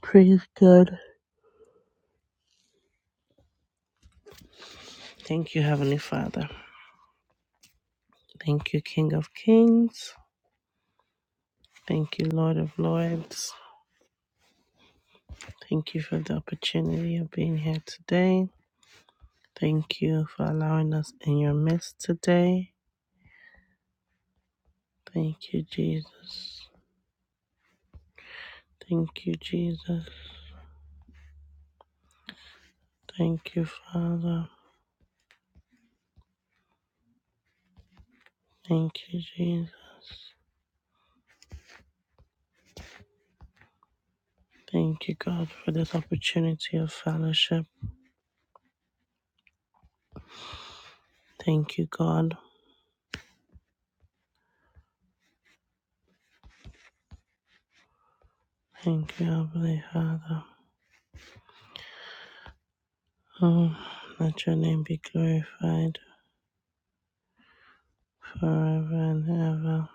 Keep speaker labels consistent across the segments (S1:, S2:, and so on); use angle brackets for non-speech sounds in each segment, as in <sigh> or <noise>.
S1: Praise God. Thank you, Heavenly Father. Thank you, King of Kings. Thank you, Lord of Lords. Thank you for the opportunity of being here today. Thank you for allowing us in your midst today. Thank you, Jesus. Thank you, Jesus. Thank you, Father. Thank you, Jesus. Thank you, God, for this opportunity of fellowship. Thank you, God. Thank you, Heavenly Father. Oh, let your name be glorified. forever and ever.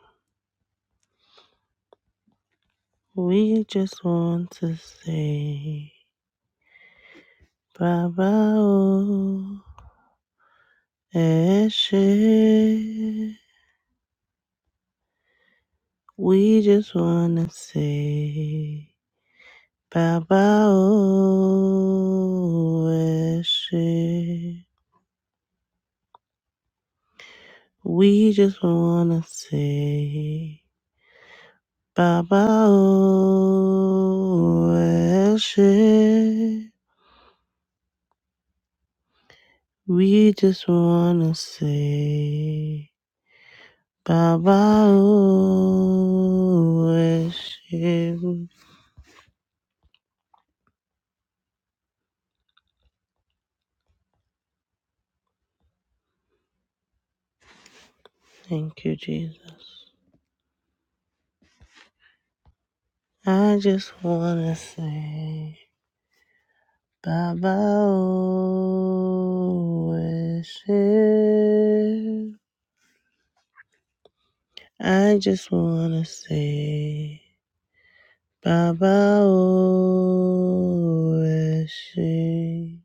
S1: We just want to say, Baba O Eshe. We just want to say, Baba O Eshe. We just want to say, Baba O Eshe. We just want to say. Baba Oeshu. Thank you, Jesus. I just wanna say Baba Oeshu. I just wanna say Baba Oeshu.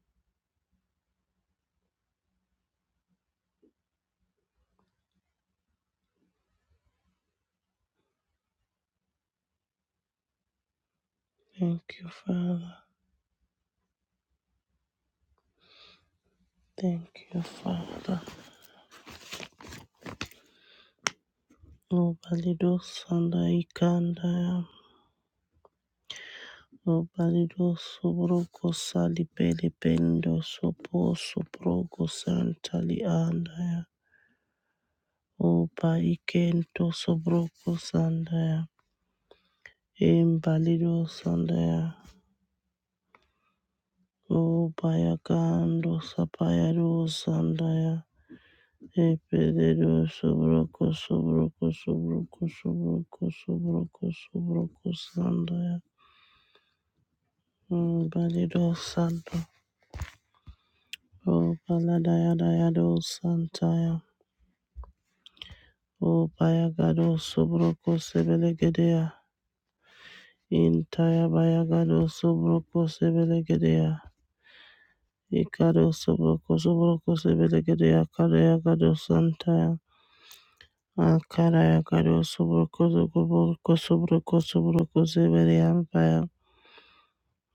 S1: Thank you, Father. Thank you, Father. Nobody does under Ikanda. Obalido sobrogo salibele bendo sopo sobrogo santali andaya. Oba ikento sobrogo sandaya. Embalido sandaya. Obayagando sapayado sandaya. Epeledo sobrogo sobrogo sobrogo sobrogo sobrogo sobrogo sandaya. Embalido santo. Obaladayadayado santaya. O Payagado Sobroko Sebelegedea. Intaya Bayagado Sobroko Sebelegedea. Ikado Sobroko Sobroko Sebelegedea. Kadayagado Santaya. Akarayagado Sobroko Sobroko Sobroko Sobroko Sebeleampaya.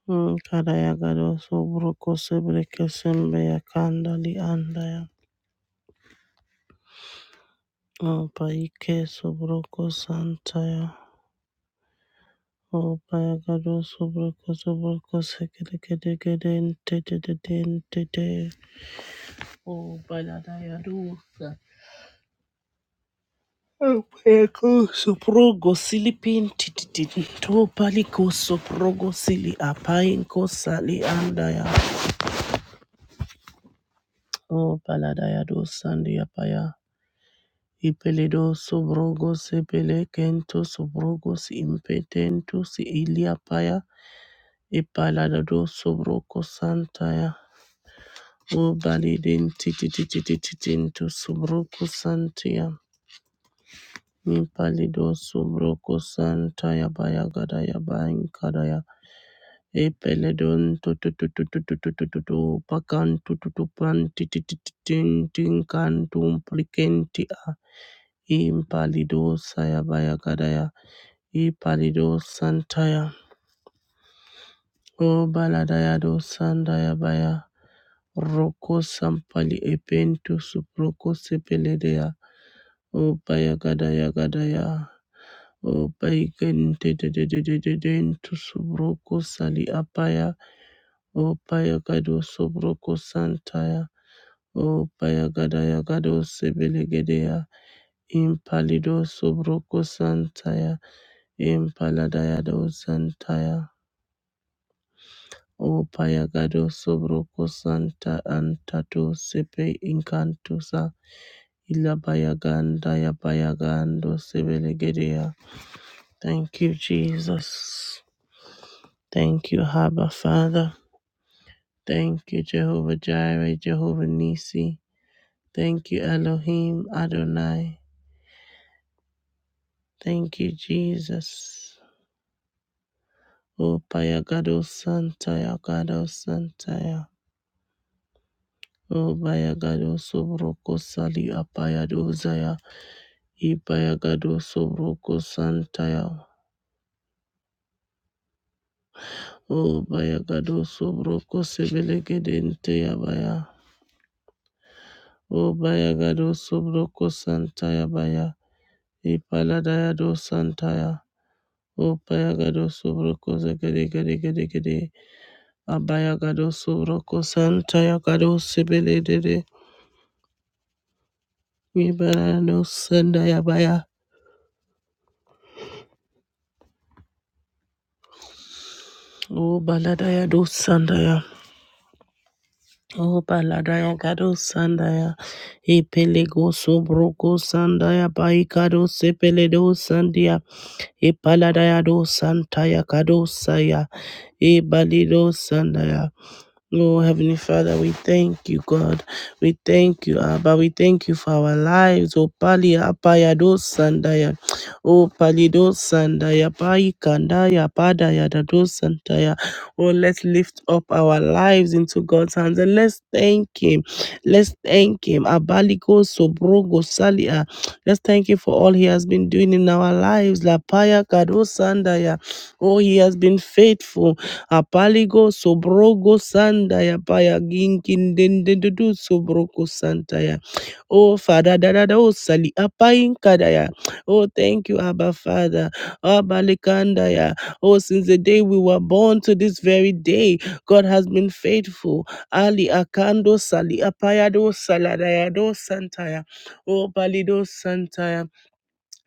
S1: Kadayagado Sobroko Sebeleke Sembeya Kandali Andaya. O Paike Sobroko Santaya. Opayagado sobroko sobroko sekere kere kere nte te te te nte te. Opaladayado sa. Opayago soprogo silipin tititin. Topaliko soprogo sili apainko sali andaya. Opaladayado sandi apaya. Ipeledo sobrogo sepele kento sobrogo si impetento si ilia paya. Ipaladado sobroko santaya. O balidin Obalidin titititititinto subroku santia. Mimpalido subroku santaya bayagadaya bayankadaya. Epeledon tututututututututu pakan tututupan tititititintinkantum plikentia. Impalido sayabayagadaya. Ipalido santaya. Obaladaya do sandaya baya. Roko sampali epentu suproko sepeledea. Obaya gadaya gadaya. Obaya gente de de de de de de to subroko sali apaya. Obaya gado subroko santaya. Obaya gadaya gado sebelegedeya. Impalido subroko santaya. Impaladaya do santaya. Opaya gado subroko santa antato sepe incantusa. Ilabaya ganda ya paya gando Thank you, Jesus. Thank you, Abba Father. Thank you, Jehovah Jireh, Jehovah Nisi. Thank you, Elohim Adonai. Thank you, Jesus. O Payagado Santaya Gado Santaya. O Payagado Sobroko Sali Apayado Zaya. I Payagado Sobroko Santaya. O Payagado Sobroko Sebelegedente Yabaya. O Payagado Sobroko Santaya Baya. Ipaladaya dos santaya. Upayagado subroko zegede gede gede gede. Abayagado subroko santaya gado sibele dede. Ibalano sandaya baya. O baladaya dos sandaya. O baladaya gado sandaya. Ipelego subroko sandaya baikado sepele dos sandia. Ipaladaya dos santaya gado saya. Ibalido sandaya. Lord Heavenly Father, we thank you, God. We thank you, Abba. We thank you for our lives. O Pali Apaya do Sandaya. O Pali do Sandaya. Pai Kandaya Padaya da do Sandaya. Oh, let's lift up our lives into God's hands and let's thank Him. Let's thank Him. Abaliko Sobrogo Salia. Let's thank Him for all He has been doing in our lives. La Paya Kado Sandaya. Oh, He has been faithful. Apaligo sobrogo sandaya paya ginkin dendendu sobroko santaya. Oh Father, da da da oh sali apayin kadaya. Oh thank you, Abba Father. Abba likandaya. Oh, since the day we were born to this very day, God has been faithful. Ali akando sali apayado saladayado santaya. Oh palido santaya.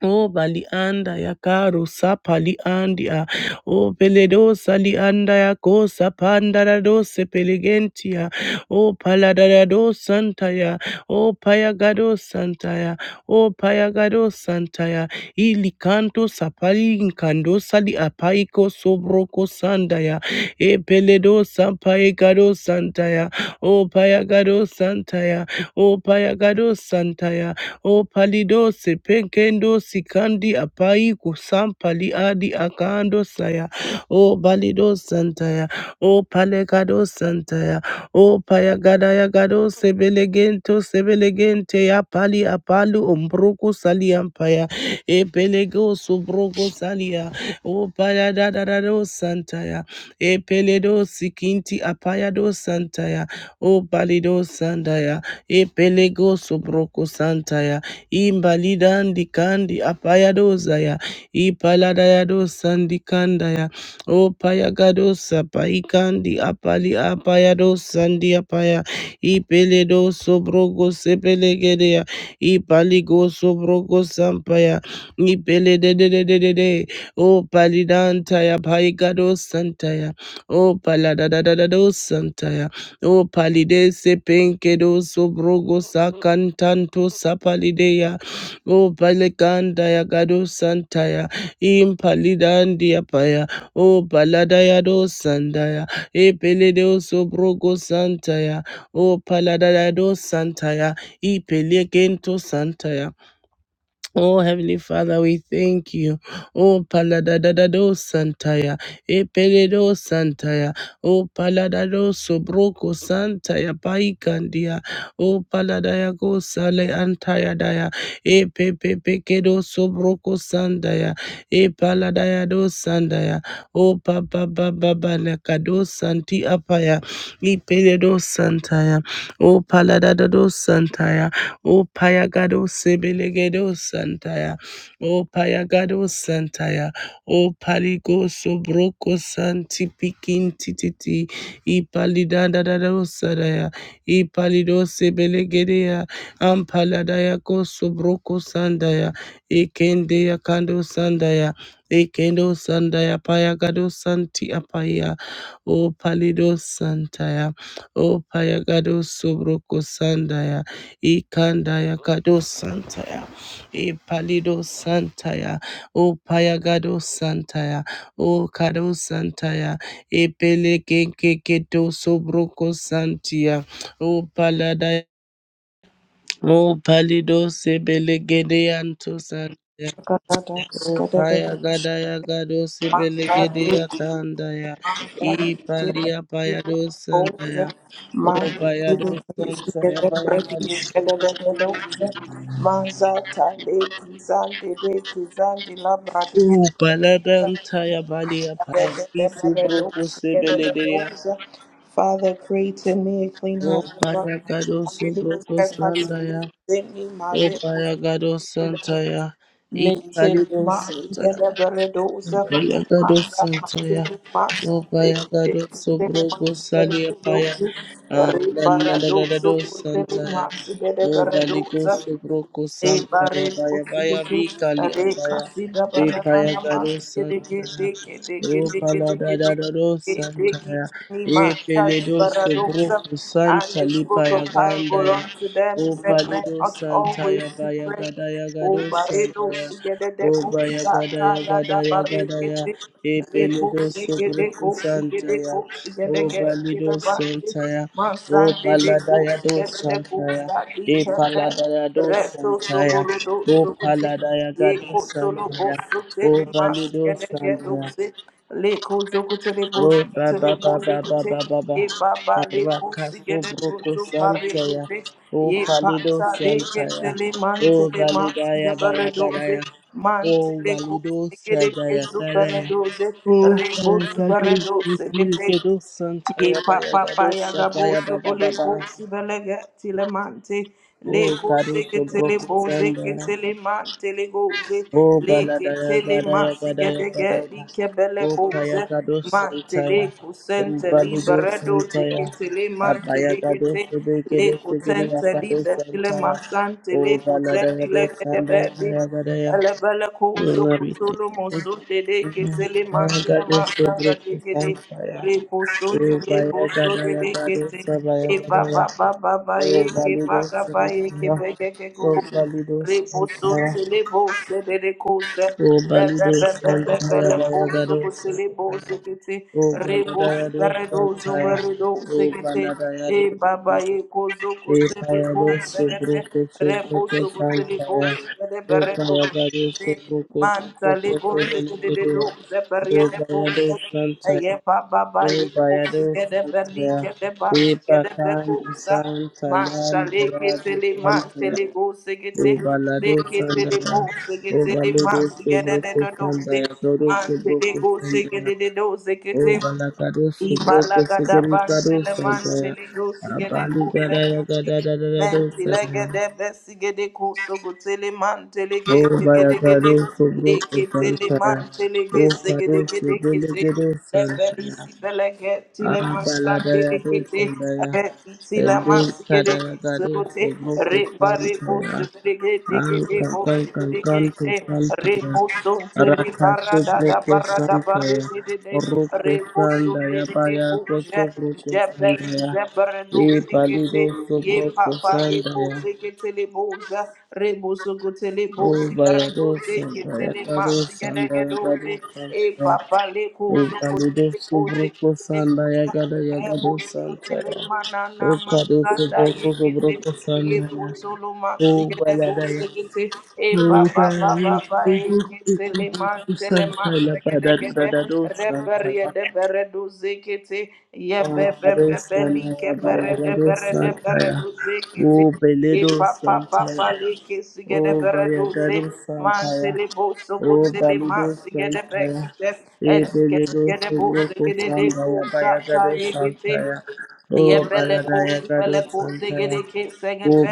S1: O bali anda ya karu sapali andia. O peledo sali anda ya ko sapanda da do sepelegentia. O paladada do santaya. O payagado santaya. O payagado santaya. Ili kanto sapali inkando sali apaiko sobroko sandaya. E peledo sampaigado santaya. O payagado santaya. O payagado santaya. O palido se penkendo sikandi apai kusam adi akando saya. O balido santaya. O palekado santaya. O payagada yagado sebelegento sebelegente ya pali apalu umbruku saliampaya. E pelego subruku salia. O payadadado santaya. E peledo sikinti apayado santaya. O balido sandaya epelego sobroko santaya imbalidandi kandi apayadozaya ipaladayado sandikandaya opayagadosa paikandi apali apayado sandiapaya ipeledo sobrogo sepelegedea ipaligo sobrogo sampaya ipelededededede opalidantaya paigado santaya opaladadadado santaya O palide se penkedo sobrogo sakantanto sapalideya. O palekanda ya gado santaya. Impalidandia paya. O paladaya do sandaya. E peledo sobrogo santaya. O paladaya do santaya. I pelekento santaya. Oh, Heavenly Father, we thank you. Oh, Paladadado Santaya, Epeledo Santaya, Oh, Paladado Sobroco Santaya, Paikandia, Oh, Paladayago Sale Antaya Daya, Epepepekedo Sobroco Sandaya, Epaladayado Sandaya, Oh, Papa Baba Banacado Santi Apaya, Epeledo Santaya, Oh, Paladadado Santaya. O Payagado Sebelegedo Santaya, O Payagado Santaya, O Paligo Sobroko Santi Pikin Tititi, I Palidadado Sadaya, I Palido Sebelegedea, Ampaladaya Ko Sobroko Sandaya, Ekendea Kando Sandaya, Ekendo Sandaya Payagado Santi Apaya, O Palido Santaya, O Payagado Sobroko Sandaya, Ikandaya Kado Santaya, Ipalido Santaya, O Payagado Santaya, O Kado Santaya, Ipele Kekeketo Sobroko Santia, O Paladaya, O Palido Sebelegede Anto Santaya.
S2: Father,
S1: O paya gada ya gado sebelegede ya tanda ya i palia paya do sanda ya o paya do santa ya paya gado Upaladanta ya bali ya paya kisu broko sebelederia.
S2: create in me a clean heart, O Lord.
S1: Opaya gado
S2: I renew a
S1: subroko
S2: steadfast
S1: sanda ya.
S2: spirit within me.
S1: Opaya gado santa ya.
S2: Metin
S1: Ipalido
S2: masiyana baradosa
S1: Bayagado
S2: masa
S1: Santoya,
S2: katili masa
S1: O
S2: peki
S1: Bayagado
S2: peki tele
S1: Sobrogo
S2: masiyana
S1: Salia Paya,
S2: baradosa
S1: and
S2: re baradosa
S1: Nanadado
S2: kutili
S1: Santaya,
S2: masiyana
S1: O Baligo
S2: baradosa
S1: Sobroko
S2: E bare
S1: Sampaya,
S2: do
S1: Baya Baya
S2: sideke
S1: Vikali
S2: re
S1: Apaya,
S2: kasida
S1: E
S2: barana
S1: Payagado
S2: namas kedeke
S1: Santaya,
S2: deke deke
S1: O
S2: deke deke
S1: Paladadado
S2: deke deke
S1: Santaya,
S2: tini man
S1: E
S2: tali
S1: Peledo
S2: baradoxa
S1: Sobroko
S2: and
S1: Santa
S2: he spoke a
S1: Lipaya
S2: parable
S1: Gandaya,
S2: unto them. He
S1: O
S2: said, Men
S1: Palido
S2: ought always
S1: Santaya,
S2: to pray.
S1: Bayagada
S2: O
S1: Yagado
S2: baredo
S1: Santaya,
S2: sigede
S1: Oba
S2: deko
S1: baya gada
S2: shata
S1: ya gada
S2: yada
S1: ya gada ya
S2: barekete reko
S1: epeledo
S2: sigede
S1: sobroku
S2: ko
S1: santa
S2: sigede
S1: ya
S2: ko sigede ge
S1: oba lido
S2: kile bante
S1: santa ya
S2: masande
S1: oba lada
S2: deko
S1: ya do
S2: sigede deko
S1: santa ya
S2: sadi kete
S1: epalada ya do
S2: Reto
S1: santa ya
S2: Sogurudo
S1: oba
S2: Suguti,
S1: lada ya gado
S2: Yeko
S1: santa
S2: Tolobo
S1: ya
S2: Sukele
S1: oba
S2: Masi
S1: lido
S2: and
S1: santa ya
S2: Gedose, Leko Zokutele
S1: Oh, ba ba
S2: Bozukutele
S1: ba ba ba
S2: Bozukute,
S1: ba ba ba,
S2: E Baba Leko
S1: Rakaso
S2: Sigede
S1: broko
S2: Gozu
S1: santaya.
S2: Paregete,
S1: Oh,
S2: Ye
S1: palido
S2: Pata
S1: santaya.
S2: Legetele
S1: Oh,
S2: Mantele Masi
S1: validaya baya gadaya.
S2: Gabaredoze,
S1: Oh,
S2: Mantele
S1: valido
S2: Kusigede
S1: santaya
S2: Gezu
S1: gadaya.
S2: Paradoze,
S1: Oh,
S2: Rebozu
S1: validaya
S2: Paradoze,
S1: broko
S2: Ye
S1: santaya baya
S2: papa
S1: gado
S2: paya gabo
S1: sapaya ba ba ba
S2: subule
S1: ba.
S2: ko sibelega tilemante le
S1: Oh,
S2: ko seke
S1: kariso
S2: tele
S1: broko
S2: boze ke
S1: santaya.
S2: tele mante le goze
S1: O
S2: le ke
S1: baladaya
S2: tele
S1: gadaya
S2: masi
S1: gadaya
S2: gede
S1: gadaya.
S2: li kebele
S1: O paya
S2: koze
S1: gado
S2: mante le
S1: santaya.
S2: ko
S1: O
S2: sente
S1: balido
S2: libere doze
S1: santaya.
S2: ke tele mante
S1: Abaya
S2: le
S1: gado
S2: gete le
S1: sebekede
S2: ko
S1: segede
S2: sente
S1: yakado
S2: libe tele
S1: santaya.
S2: masante
S1: O
S2: le ko
S1: baladaya
S2: zende
S1: do
S2: le gede bedi
S1: sandaya gadaya.
S2: elebele ko uzo
S1: Lord, we thank
S2: kutulu
S1: you.
S2: mosu dede ke
S1: Mhm.
S2: tele
S1: Abaya
S2: mante le
S1: gado
S2: masanga
S1: sebekede
S2: degede
S1: santaya. O
S2: Reboson to
S1: baya
S2: Reboso de
S1: gadaya gado
S2: Bekete,
S1: sabaya
S2: Eva
S1: gadaya.
S2: Baba Baba
S1: O
S2: Eke
S1: balido
S2: Baga Baeke
S1: santaya.
S2: Begeke
S1: O
S2: Gozo,
S1: balido
S2: Reboson
S1: santaya.
S2: to Lebose de Recose,
S1: O Balido Santaya
S2: Bebebebebele Boso
S1: Bayagado
S2: to
S1: Santaya.
S2: Lebose Gete,
S1: O
S2: Rebos
S1: Baladayado
S2: Beredozo
S1: Santaya. O
S2: Beredose Gete,
S1: Baladayado
S2: E Baba Eko Zoko to
S1: Etayado
S2: Lebose Gete,
S1: Subruko Subruko
S2: Reboso to
S1: Santaya.
S2: Lebose de
S1: O
S2: Beredose
S1: Bayagado
S2: Gete,
S1: Subruko
S2: Manta
S1: Subruko
S2: Legose de
S1: Sebenegeria.
S2: Doze
S1: O
S2: Berriere
S1: Bayado Santaya.
S2: Aye, ba ba ba
S1: O
S2: ye kosi
S1: Bayado
S2: kede berli
S1: Santaya.
S2: kede bas
S1: Pepa
S2: kede
S1: Kandi
S2: bekusa
S1: Santa
S2: manta
S1: Landa
S2: leke
S1: Yado
S2: tele manta
S1: Santaya.
S2: le bo segete
S1: Obalado
S2: leke tele
S1: Sandaya,
S2: bo segete le
S1: Obalado
S2: get kede de
S1: Subroco
S2: do do se
S1: Sandaya, Dodo
S2: manta le
S1: Subroco
S2: go
S1: Sandaya,
S2: segete de do
S1: Obalacado Subroco
S2: Ibalagada
S1: Sigricado
S2: bantele
S1: Sandaya,
S2: mantele gosigede
S1: Abaligadaya
S2: kuseketi
S1: Gadadadado
S2: mentele
S1: Sandaya,
S2: gede besigede kusogotele mantele gede gede gede
S1: Obalacado Subroco
S2: leketele
S1: Sandaya,
S2: mantele
S1: O Cado
S2: gesegede gede kete
S1: Subiligado Sandaya,
S2: lefelisi belegeti le mansande lekete
S1: Abaladadadosandaya,
S2: retiti le mansigede sogote rebare
S1: elekadadadadosogokosantaya,
S2: kusigede gede gede kusigede gede
S1: ankankankankantosantaya,
S2: Reposontele barada da barada
S1: rakasobrokosantaya,
S2: barede de de
S1: rokosandaya
S2: reposontele de kuje jebeli
S1: bayakosobrokosandaya,
S2: zebrano zekete ye papa ye ko
S1: ebalidosobrokosandaya,
S2: zekete le boza reboso kotele bosi barado zekete
S1: obayadosandaya
S2: le masi gede
S1: kadosandaya
S2: gedoze e
S1: kadosantaya.
S2: papa le kozo
S1: Rukalido
S2: kotele boze
S1: subroko sanda yagada yagado santa ya.
S2: manana
S1: Rukado
S2: makanda
S1: subroko
S2: yekete
S1: subroko
S2: ye
S1: sanda ya.
S2: kutulu masikele
S1: Rubalada ya.
S2: busikete e baba
S1: Rubalada
S2: baba ba
S1: subroko
S2: yekete le mantele
S1: santa ya.
S2: masikele gede
S1: Padadadado santa
S2: reberiye
S1: ya.
S2: de bere duzekete ye bebe
S1: Ankado
S2: bebe
S1: sanda
S2: like
S1: ya
S2: bere de
S1: bayagado
S2: bere de
S1: santa
S2: bere
S1: ya.
S2: duzekete Le
S1: Rubeledo
S2: papa
S1: santa
S2: papa
S1: ya.
S2: le kesi
S1: O
S2: gede bereduze
S1: Bayagado
S2: manse
S1: Sampaya,
S2: le boso
S1: Oh,
S2: bote le
S1: Balido
S2: manse gede
S1: Sampaya,
S2: bekite
S1: E
S2: eti kesi
S1: Belido
S2: gede bose
S1: Sobroko
S2: gede de
S1: Sambaya,
S2: kusa sa
S1: Bayagado
S2: Get
S1: Sampaya, O
S2: Yebelekusi
S1: Baladayagado
S2: belekusi
S1: Sampaya,
S2: gidiki
S1: O
S2: segete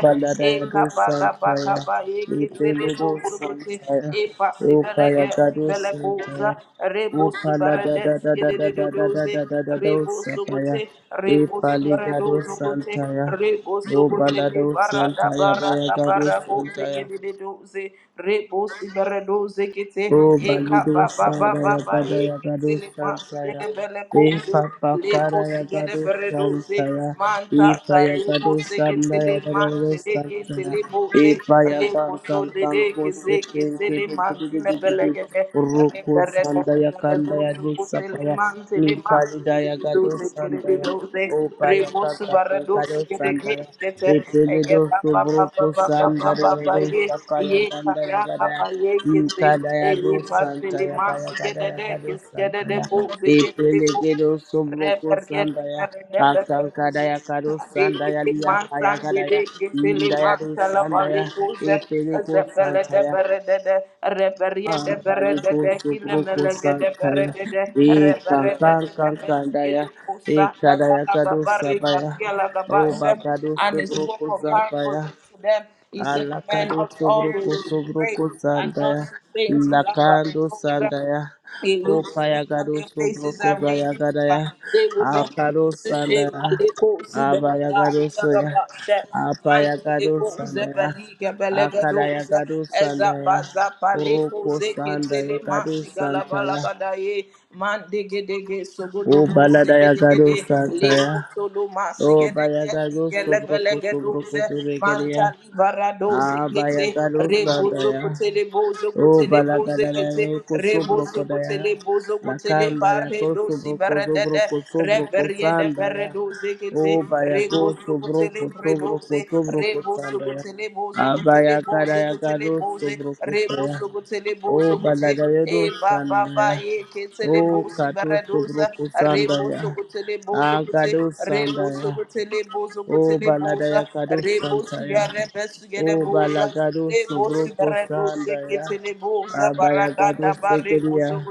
S2: e
S1: Baladayado
S2: kaba gaba
S1: Sampaya,
S2: kaba e
S1: E
S2: kitele
S1: Belido
S2: busuguti
S1: Sampaya,
S2: e
S1: O
S2: pasi belege di
S1: Bayagado
S2: belekuza
S1: Sampaya,
S2: rebo
S1: O
S2: subarades gididuduze
S1: Paladadadadadadadadadadadado
S2: rebo
S1: Sapaya,
S2: suguti
S1: E
S2: rebo
S1: Paligado
S2: subaredozuguti
S1: Santaya,
S2: rebo
S1: O
S2: suguti
S1: balado
S2: libarada
S1: santa ya baya
S2: barada
S1: gado
S2: barada
S1: santa
S2: barakuzi
S1: ya.
S2: gididuduze rebo subaredoze kite
S1: O
S2: e
S1: Balido
S2: kaba baba
S1: Sada
S2: baba
S1: Yagada
S2: e
S1: Yagado
S2: Zile masige
S1: Santaya.
S2: de bele
S1: E
S2: kose,
S1: Papa
S2: le
S1: Kara
S2: kosige de
S1: Yagado
S2: bere doze,
S1: Santaya. E
S2: manta ta ye
S1: Payagado
S2: kose ke
S1: Sanda
S2: tele
S1: Yagado
S2: mante le ke
S1: Santaya.
S2: tele boze,
S1: E
S2: re
S1: Payagan
S2: koso
S1: Kan
S2: de
S1: Kan
S2: de ke
S1: Kose
S2: ze ke
S1: Penke
S2: tele
S1: de de de
S2: manti
S1: de
S2: le
S1: de de
S2: bele
S1: de.
S2: ge de, re
S1: Roko
S2: bere de
S1: Sanda
S2: de bere
S1: Yakanda Yagado
S2: doze
S1: Sapaya.
S2: mante
S1: E
S2: le mante
S1: Parida
S2: le le le
S1: Yagado
S2: doze ke le le
S1: Santaya.
S2: doze
S1: O
S2: re mo
S1: Payakan
S2: su
S1: Kan Kado Santaya. E
S2: e ye
S1: Peledo
S2: ba ba ba ba
S1: Sobroko
S2: ba ba ba
S1: Sanda
S2: ba ba
S1: Yagado
S2: ye
S1: Sapaya
S2: ye ka
S1: Ganda
S2: ya ka
S1: Yagada.
S2: ba ye ke te e
S1: Ikadayado
S2: ye ba
S1: Santaya Bayakadaya Gado Santaya Epelegedo Sobroko
S2: Reverend
S1: Sandaya
S2: Reverend
S1: Akankadaya Kado Sandaya
S2: Dede
S1: Lia
S2: Mansan
S1: Payagadaya
S2: Dede Kitili
S1: Indayado
S2: Mansala
S1: Sandaya
S2: Balikuze
S1: Epelego
S2: Zepele de
S1: Santaya
S2: Beredede Reverie de
S1: Amparigo
S2: Beredede
S1: Sobroko
S2: Kilemelege de
S1: Santaya
S2: Beredede Reverede
S1: Ekankan
S2: de
S1: Kankandaya
S2: Mesgede Kusa
S1: Ekadaya
S2: Dagala
S1: Kado
S2: Gabari
S1: Sabaya
S2: Kapiala Gabashem
S1: Obakado
S2: and he spoke
S1: Sobroko
S2: a parable
S1: Zabaya
S2: unto them. He said, Men
S1: Alakado
S2: ought
S1: sobroko
S2: always to pray
S1: sobroko
S2: and not
S1: sandaya.
S2: to faint in
S1: Lakando
S2: love.
S1: sandaya.
S2: It looks to me and
S1: Opayagado
S2: their faces
S1: sobroko
S2: are radiant. uh,
S1: zayagadaya.
S2: They will not be
S1: Akado
S2: put to shame.
S1: sandaya.
S2: Maleko zibelega
S1: Abayagado soya.
S2: liagabashe.
S1: Apayagado
S2: Manteleko
S1: sandaya.
S2: zebeli gebelegado ze.
S1: Akadayagado
S2: Ezapa
S1: sandaya.
S2: zapa leko
S1: Roko
S2: zeke tele
S1: sandaya gado
S2: masigala
S1: santaya.
S2: balagadaye. Mandegedege sogodogo
S1: Obaladayagado
S2: segedegede
S1: santaya.
S2: luma sigede
S1: Obayagado
S2: gele gele
S1: sobroko sobroko
S2: geduse
S1: zebegaria.
S2: manta libara doze kete
S1: Abayagado
S2: rekuzo
S1: sandaya.
S2: kotele bozo
S1: Oh,
S2: kotele boze kete
S1: balagadadaya, kosobro
S2: rebozo
S1: kodaya,
S2: kotele bozo kotele
S1: lakandaya,
S2: bare dosi
S1: kosobro, kosobro,
S2: beredede
S1: kosobro,
S2: reberie de bere
S1: kosandaya.
S2: doze kete
S1: Oh, baya
S2: rekozo
S1: kosobro,
S2: kotele
S1: kosobro,
S2: bredoze
S1: kosobro,
S2: rebozo
S1: kosandaya.
S2: kotele bozo
S1: Abaya
S2: le bozo
S1: kadaya
S2: kote le
S1: kado
S2: bozo
S1: sobro
S2: re
S1: kosaya.
S2: bozo kote le
S1: Oh,
S2: bozo
S1: balagadaya do
S2: e ba ba ba
S1: sandaya.
S2: ye kete
S1: Oh,
S2: bosi
S1: kato sobro
S2: baradoza re bozo
S1: kosandaya.
S2: kote le bozo kote
S1: Agado
S2: re bozo
S1: sandaya.
S2: kote le bozo kote
S1: Oh,
S2: boza
S1: baladaya kado
S2: re bozo
S1: santaya.
S2: ya re besu ya
S1: O
S2: boza
S1: balagado
S2: re
S1: sobro
S2: bozo baradoza
S1: posanda ya.
S2: kete le boza barada
S1: Abayagado
S2: da bare
S1: segeria.
S2: kozo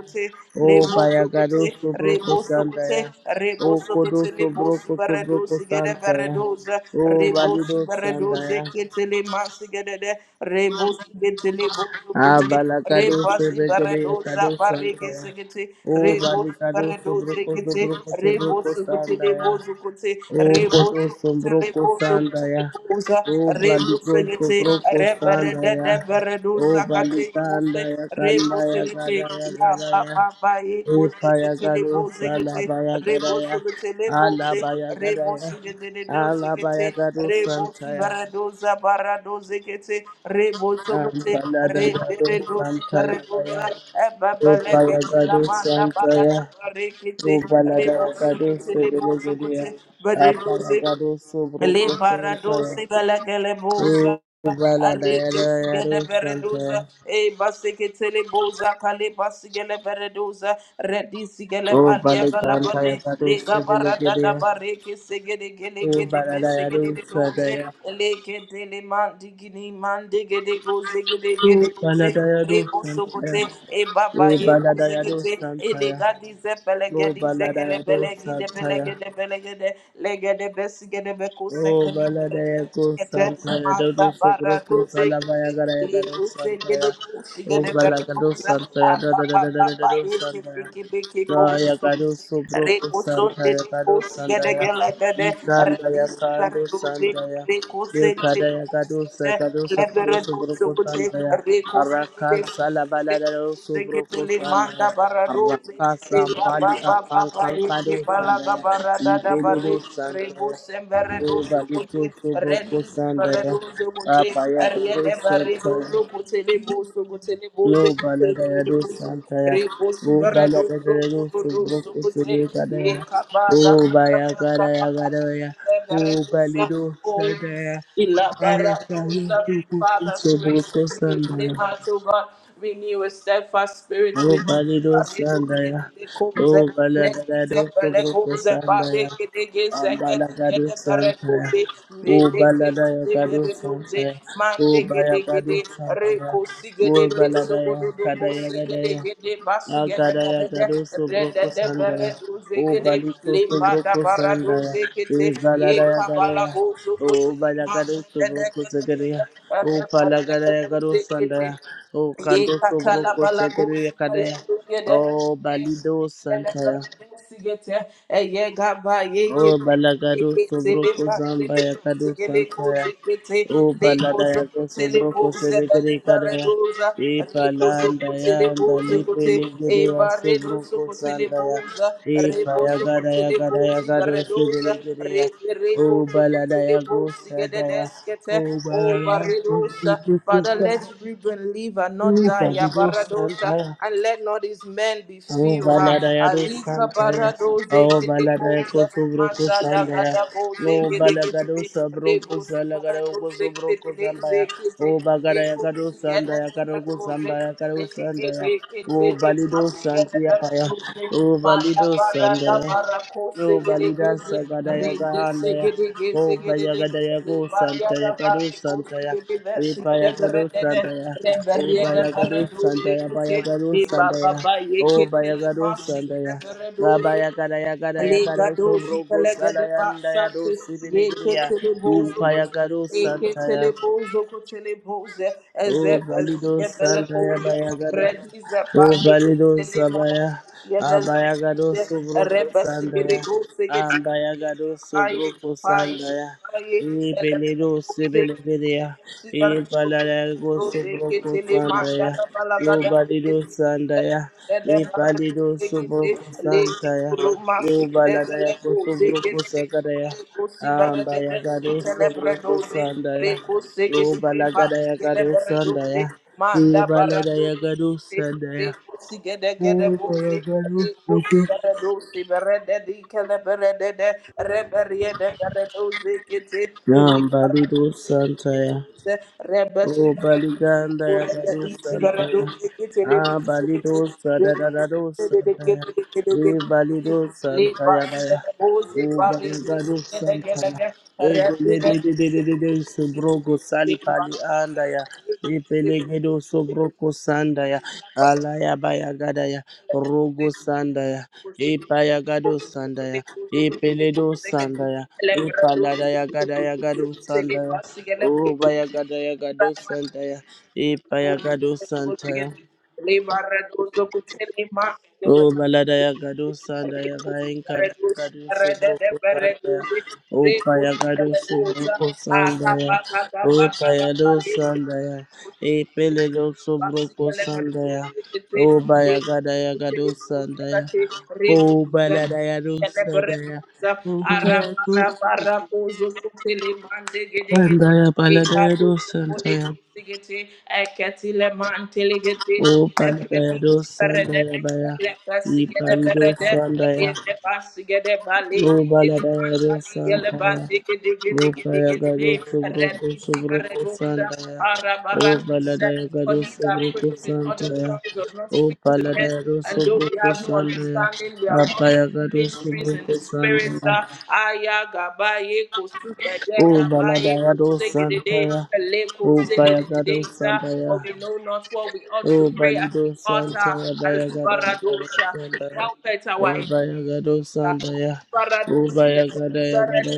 S1: O
S2: Lebo
S1: bayagado
S2: Sokute,
S1: sobro
S2: Rebo
S1: posanda ya.
S2: Sokute, Rebo
S1: O kodo
S2: Sokute, Lebo
S1: sobro sobro
S2: Subarados, Gede
S1: posanda ya.
S2: Baradosa,
S1: O
S2: Rebo
S1: valido sanda
S2: Subaradose,
S1: ya.
S2: Ketele Masigede, Rebo Sugete, Lebo Sokute,
S1: Abalagado
S2: Reba
S1: segeria
S2: Sibaradosa,
S1: kado sanda
S2: Parege
S1: ya.
S2: Segete,
S1: O
S2: Rebo
S1: baligado sobro
S2: Subaradose,
S1: sobro
S2: Gete,
S1: sobro
S2: Rebo Sokute,
S1: posanda ya.
S2: Lebo Sokute,
S1: O koto
S2: Rebo
S1: sombroko
S2: Telebozo
S1: sanda ya.
S2: teleboza
S1: O baliko
S2: rebusegete
S1: sombroko sanda
S2: reberede
S1: ya.
S2: deberedo
S1: O
S2: sakate
S1: balikanda
S2: mose
S1: ya kanda ya
S2: rebusegete
S1: kada ya
S2: ya
S1: kada
S2: ba
S1: ya.
S2: ba ba ye
S1: Epa
S2: kozeke
S1: ya kada
S2: telebozegete
S1: salaba ya kada ya.
S2: rebosogete leboze
S1: Alaba ya kada ya.
S2: rebosogete
S1: Alaba
S2: dedozegete
S1: ya kada santa
S2: rebosi
S1: ya.
S2: baradoza baradozegete rebosogote
S1: Ampalada ya do
S2: reberedosi
S1: santa ya ya.
S2: baradoza
S1: Opa ya
S2: ebabalekete
S1: kada
S2: lamanda
S1: santa ya.
S2: barada barekete
S1: O balada ya kada
S2: rebosogote
S1: sebele gede
S2: lebosogote
S1: ya. Apa ya kada sombroko
S2: Le
S1: santa ya.
S2: paradosi gala gele
S1: Oh,
S2: boza.
S1: bala dayada
S2: Areke
S1: yadu
S2: sigede bereduza.
S1: santa.
S2: E basike tele boza. Kale basigele bereduza. Redi sigele
S1: Oh,
S2: balia
S1: bala
S2: gala
S1: kanta
S2: bade.
S1: yakadu
S2: Le
S1: sibili
S2: gabara dada
S1: gidia.
S2: bareke segede gele
S1: Oh,
S2: kede
S1: bala
S2: besegede
S1: dayadu
S2: de doze.
S1: sadaya.
S2: Le kete le mandigini mandigede goze gede
S1: Oh,
S2: gele
S1: bala
S2: goze.
S1: dayadu
S2: Rebo
S1: santa.
S2: sokote. E baba
S1: Oh,
S2: ye
S1: bala
S2: koze
S1: dayadu
S2: kete. E le
S1: santa.
S2: gadi zepele
S1: Oh,
S2: gedi
S1: bala
S2: zekele
S1: dayadu
S2: belegi
S1: santa.
S2: legede besigede
S1: Oh,
S2: bekuseke
S1: Balada
S2: liberende
S1: Eko
S2: sikete
S1: Santaya,
S2: maza
S1: Dodo Sobroko
S2: baraduze
S1: Salamaya Garaya Garo
S2: likusegede
S1: Santaya, Oh,
S2: kushigede
S1: Balagado
S2: berikuza
S1: Santaya, Dada Dada Dada
S2: apapapapa
S1: Dada
S2: yeke
S1: Santaya,
S2: biki biki
S1: Gaya Garo
S2: kumusukuti
S1: Sobroko
S2: rekusonde
S1: Santaya, Garo
S2: likusigede
S1: Santaya,
S2: gelegede
S1: Ikandaya
S2: redisi
S1: Kando
S2: baraduze
S1: Santaya,
S2: rekusente
S1: Dekadaya Gado Sakado Sakado
S2: Lebara dosho
S1: Sobroko
S2: kuchhe,
S1: Santaya,
S2: re khosho kuchhe,
S1: Arakan Salabalada
S2: re
S1: Sobroko
S2: khetuli mangda
S1: Santaya,
S2: bara doshe,
S1: Araka
S2: ba ba
S1: Sampali
S2: ba ba
S1: Akan
S2: ba
S1: Kankado
S2: ekhela ka
S1: Santaya,
S2: bara da da bara
S1: Ibeledo
S2: re
S1: Santaya,
S2: doshe, bara
S1: O
S2: dosho
S1: Nobody
S2: kuchhe, re
S1: Boko
S2: bara
S1: Sandaya.
S2: dosho kuchhe,
S1: Papa
S2: re
S1: Yagado
S2: ne bara
S1: Santaya.
S2: dosho kuchhe, ne dosho kuchhe, ne
S1: No
S2: doshe kuchhe, ne
S1: Baladayado
S2: doshe
S1: Santaya.
S2: re dosho
S1: O
S2: bara
S1: balada
S2: dosho
S1: Baladayado
S2: kuchhe, dosho
S1: Subroko
S2: kuchhe,
S1: Sulikadaya.
S2: ekhala ka
S1: O
S2: ba ba
S1: baya
S2: ba
S1: Bayagada
S2: ba ba.
S1: Yagadaya. O Balido
S2: Oh,
S1: Sandaya. Ayakayo
S2: Ilabarabosa. Father, create
S1: Subroko
S2: in me a clean
S1: Sandaya.
S2: heart, O God. Renew a steadfast spirit
S1: Oh,
S2: within me.
S1: Balido
S2: Baredo
S1: Sandaya. Oh,
S2: Kedidekose,
S1: Baladado
S2: Redize
S1: Sobroko
S2: Pelegose,
S1: Sandaya.
S2: Parekedegeze,
S1: Ambalagado
S2: Gedigede
S1: Santaya. Oh, Baladaya
S2: Beredose,
S1: Gado
S2: doze
S1: Santaya.
S2: mande
S1: O
S2: gede gede
S1: Bayagado
S2: reko
S1: Santaya. O
S2: sigede beso godo
S1: Baladaya
S2: do bo
S1: Kadaya
S2: sigede
S1: Gadaya.
S2: gede basi gede
S1: Agadaya
S2: berede
S1: Gado
S2: rede
S1: Sobroko
S2: de bere
S1: Sandaya.
S2: doze
S1: O
S2: gede
S1: Balito
S2: limba da
S1: Sobroko
S2: bara
S1: Sandaya.
S2: doze kete
S1: Eh,
S2: ye
S1: Baladaya
S2: kabala
S1: Gadaya.
S2: bozo
S1: O
S2: kote
S1: bala
S2: limba
S1: karo
S2: zede
S1: subro
S2: de
S1: kusagariya. O pala garaya karo
S2: gede gede
S1: sandaya. O
S2: Ye
S1: kando subro
S2: katala balagos
S1: kusagariya kadaya. O
S2: balagede.
S1: balido santaya.
S2: Yegesigete, eye gaba,
S1: Oh
S2: yekete,
S1: balagado
S2: yekete,
S1: sobroko
S2: lema,
S1: zamba ya
S2: telema,
S1: kado
S2: segele,
S1: santa ya.
S2: koze, kete,
S1: Oh
S2: leko,
S1: balada ya
S2: zoko,
S1: go
S2: telebo,
S1: sobroko sebegere
S2: zebali,
S1: kada ya.
S2: baredoza,
S1: E
S2: reko,
S1: palanda
S2: zoko,
S1: ya
S2: telebo,
S1: ndali
S2: zokote,
S1: pelegere
S2: e
S1: ya
S2: baredo,
S1: sobroko
S2: zoko,
S1: sanda ya.
S2: telebo, za,
S1: E paya gada ya gada ya
S2: rebo,
S1: gado
S2: zibaredoza
S1: sebelegere ya. Oh
S2: reberekozo
S1: balada ya
S2: kotelebo
S1: go sada ya.
S2: sigededeskete
S1: Oh balada ya go
S2: ovaredosa
S1: sobroko
S2: Father,
S1: sanda.
S2: let Reuben live and not
S1: E
S2: die.
S1: palido santa
S2: Abaradosa,
S1: ya.
S2: and let not his men be
S1: O
S2: few. Ha.
S1: baladaya do
S2: Alika
S1: santaya.
S2: baradoze
S1: O baladaya ko
S2: gedekoze,
S1: subro ko
S2: mazada
S1: sandaya. O
S2: gadaboze
S1: balagado
S2: gedegedede,
S1: sabro ko
S2: rebus
S1: salagado ko
S2: baradose
S1: subro ko
S2: gedegede
S1: sambaya. O
S2: zekete,
S1: bagadaya kado
S2: ekosi
S1: sandaya kado ko
S2: gedebaradoze,
S1: sambaya kado
S2: Baba,
S1: sandaya. O balido santiya paya. O balido sandaya. O balida sagadaya gahandaya. Oh, Bayagadaya go Santaya Kadu Santaya, Epayagadu Santaya, Oh, Bayagadu Santaya, Bayagadu Santaya, Oh, Bayagadu Santaya. Abayakadaya kadaya kadaya Kadu
S2: Legado
S1: sobrogo
S2: zipelege
S1: salayandaya
S2: basate
S1: do
S2: ye
S1: sibiligriya,
S2: ketele bozo
S1: Upayagadu
S2: ye ketele
S1: Santaya,
S2: bozo kotele boze eze
S1: Oh, Balido
S2: ezige bele
S1: Santaya,
S2: boze
S1: Bayagada.
S2: redize parde
S1: Ubalido
S2: kitele mata
S1: Sabaya,
S2: yenele
S1: Abayagado
S2: ite
S1: subroko
S2: rebe sigede
S1: Sandaya,
S2: go sigede
S1: Ambayagado
S2: kapaye
S1: subroko
S2: kapaye
S1: Sandaya,
S2: kapaye bele bele
S1: Ipelido
S2: boze
S1: Sibilidia, Ipalago subroko Sandaya, Ubalido Sandaya, Ipalido subroko Sandaya, Ubaladaya Subroco Sakadaya, Ambayagado subroko Sandaya, Ubalagadaya Gado Sandaya,
S2: Manda barado
S1: Ibaladaya Gadu Sandaya.
S2: Lekusi gede gede bozi,
S1: Ubalagadu
S2: lekusi
S1: Suku.
S2: gede dosi berede di kele berede de reberiye de gede dozi kiti, eli
S1: Yambalidu Santaya.
S2: Rebashi
S1: O
S2: Baradusu,
S1: Baliganda Yagado
S2: Urakadisi
S1: Santaya.
S2: Baradusu, Kitele
S1: Ah,
S2: Busu,
S1: Balido Sadadado
S2: Rekuse de
S1: Santaya.
S2: Kede de Kede de
S1: Eh, Balido
S2: Leba
S1: Santaya Baya.
S2: Bose
S1: o
S2: Baridi,
S1: Baligado Santaya.
S2: Nedagalaga,
S1: E de
S2: Rabbi
S1: de de
S2: Rabbi
S1: de de de de Sobrogo Sali Pali Andaya. e Pelegedo Sobroko Sandaya. Alaya Baya Gadaya. Rogo Sandaya. e Payagado Sandaya. e Peledo Sandaya. e Paladaya Gadaya Gado Sandaya. Oh, Bayagada Yagado Santaya, E Payagado Santaya,
S2: Lebarra dozo kutsele ma
S1: Oh, Balada Yagado Sandaya, Bayankada Yagado Subroko Sandaya, O Payagado Subroko Sandaya, O Payado Sandaya, E Peledo Subroko Sandaya, Oh, Bayagada Yagado Sandaya, Oh, Balada
S2: Rebu
S1: Yagado Sandaya,
S2: Celebrerusa,
S1: O Payagado
S2: Arabarabaracoso, Telemande, Gedegete,
S1: Sandaya, Balada
S2: Ecado,
S1: Yagado Santaya.
S2: Polegosigete, Ecatilemantelegete,
S1: O paladaya, do
S2: Lebretis, Perede,
S1: Sandaya Baya, E
S2: Lecasigede,
S1: Palido
S2: Berede,
S1: Sandaya,
S2: Riede, Basigede, Vale,
S1: O Baladaya
S2: Telemanta,
S1: do Sandaya,
S2: Gelevante,
S1: O
S2: Gedegede, Gedegede,
S1: Payagado Sobroco
S2: Redisi,
S1: Sobroco
S2: Beredusa,
S1: Sandaya, O
S2: Arabaratusa,
S1: Baladaya
S2: for
S1: Gado
S2: he that
S1: Sobroco
S2: prays in other
S1: Sandaya,
S2: tongues does not
S1: O
S2: speak to men,
S1: Paladaya do
S2: and though we
S1: Sobroco
S2: have no
S1: Sandaya,
S2: understanding, we are uttering
S1: Apayagado
S2: mysteries in
S1: Sobroco
S2: the spirit.
S1: Sandaya,
S2: sir. Aya gabaye kosuda ye
S1: O
S2: gabaye
S1: Baladaya do
S2: kosegedede
S1: Sandaya,
S2: ele
S1: O Payagado
S2: kosededede, sir.
S1: Sandaya,
S2: For we know not what we ought to
S1: Oh,
S2: pray as
S1: Balido
S2: we ought.
S1: Santa ya baya gada ya gada
S2: Albaradosha,
S1: Santa
S2: help it
S1: Oh,
S2: our
S1: baya gado Santa Oh, baya gada gada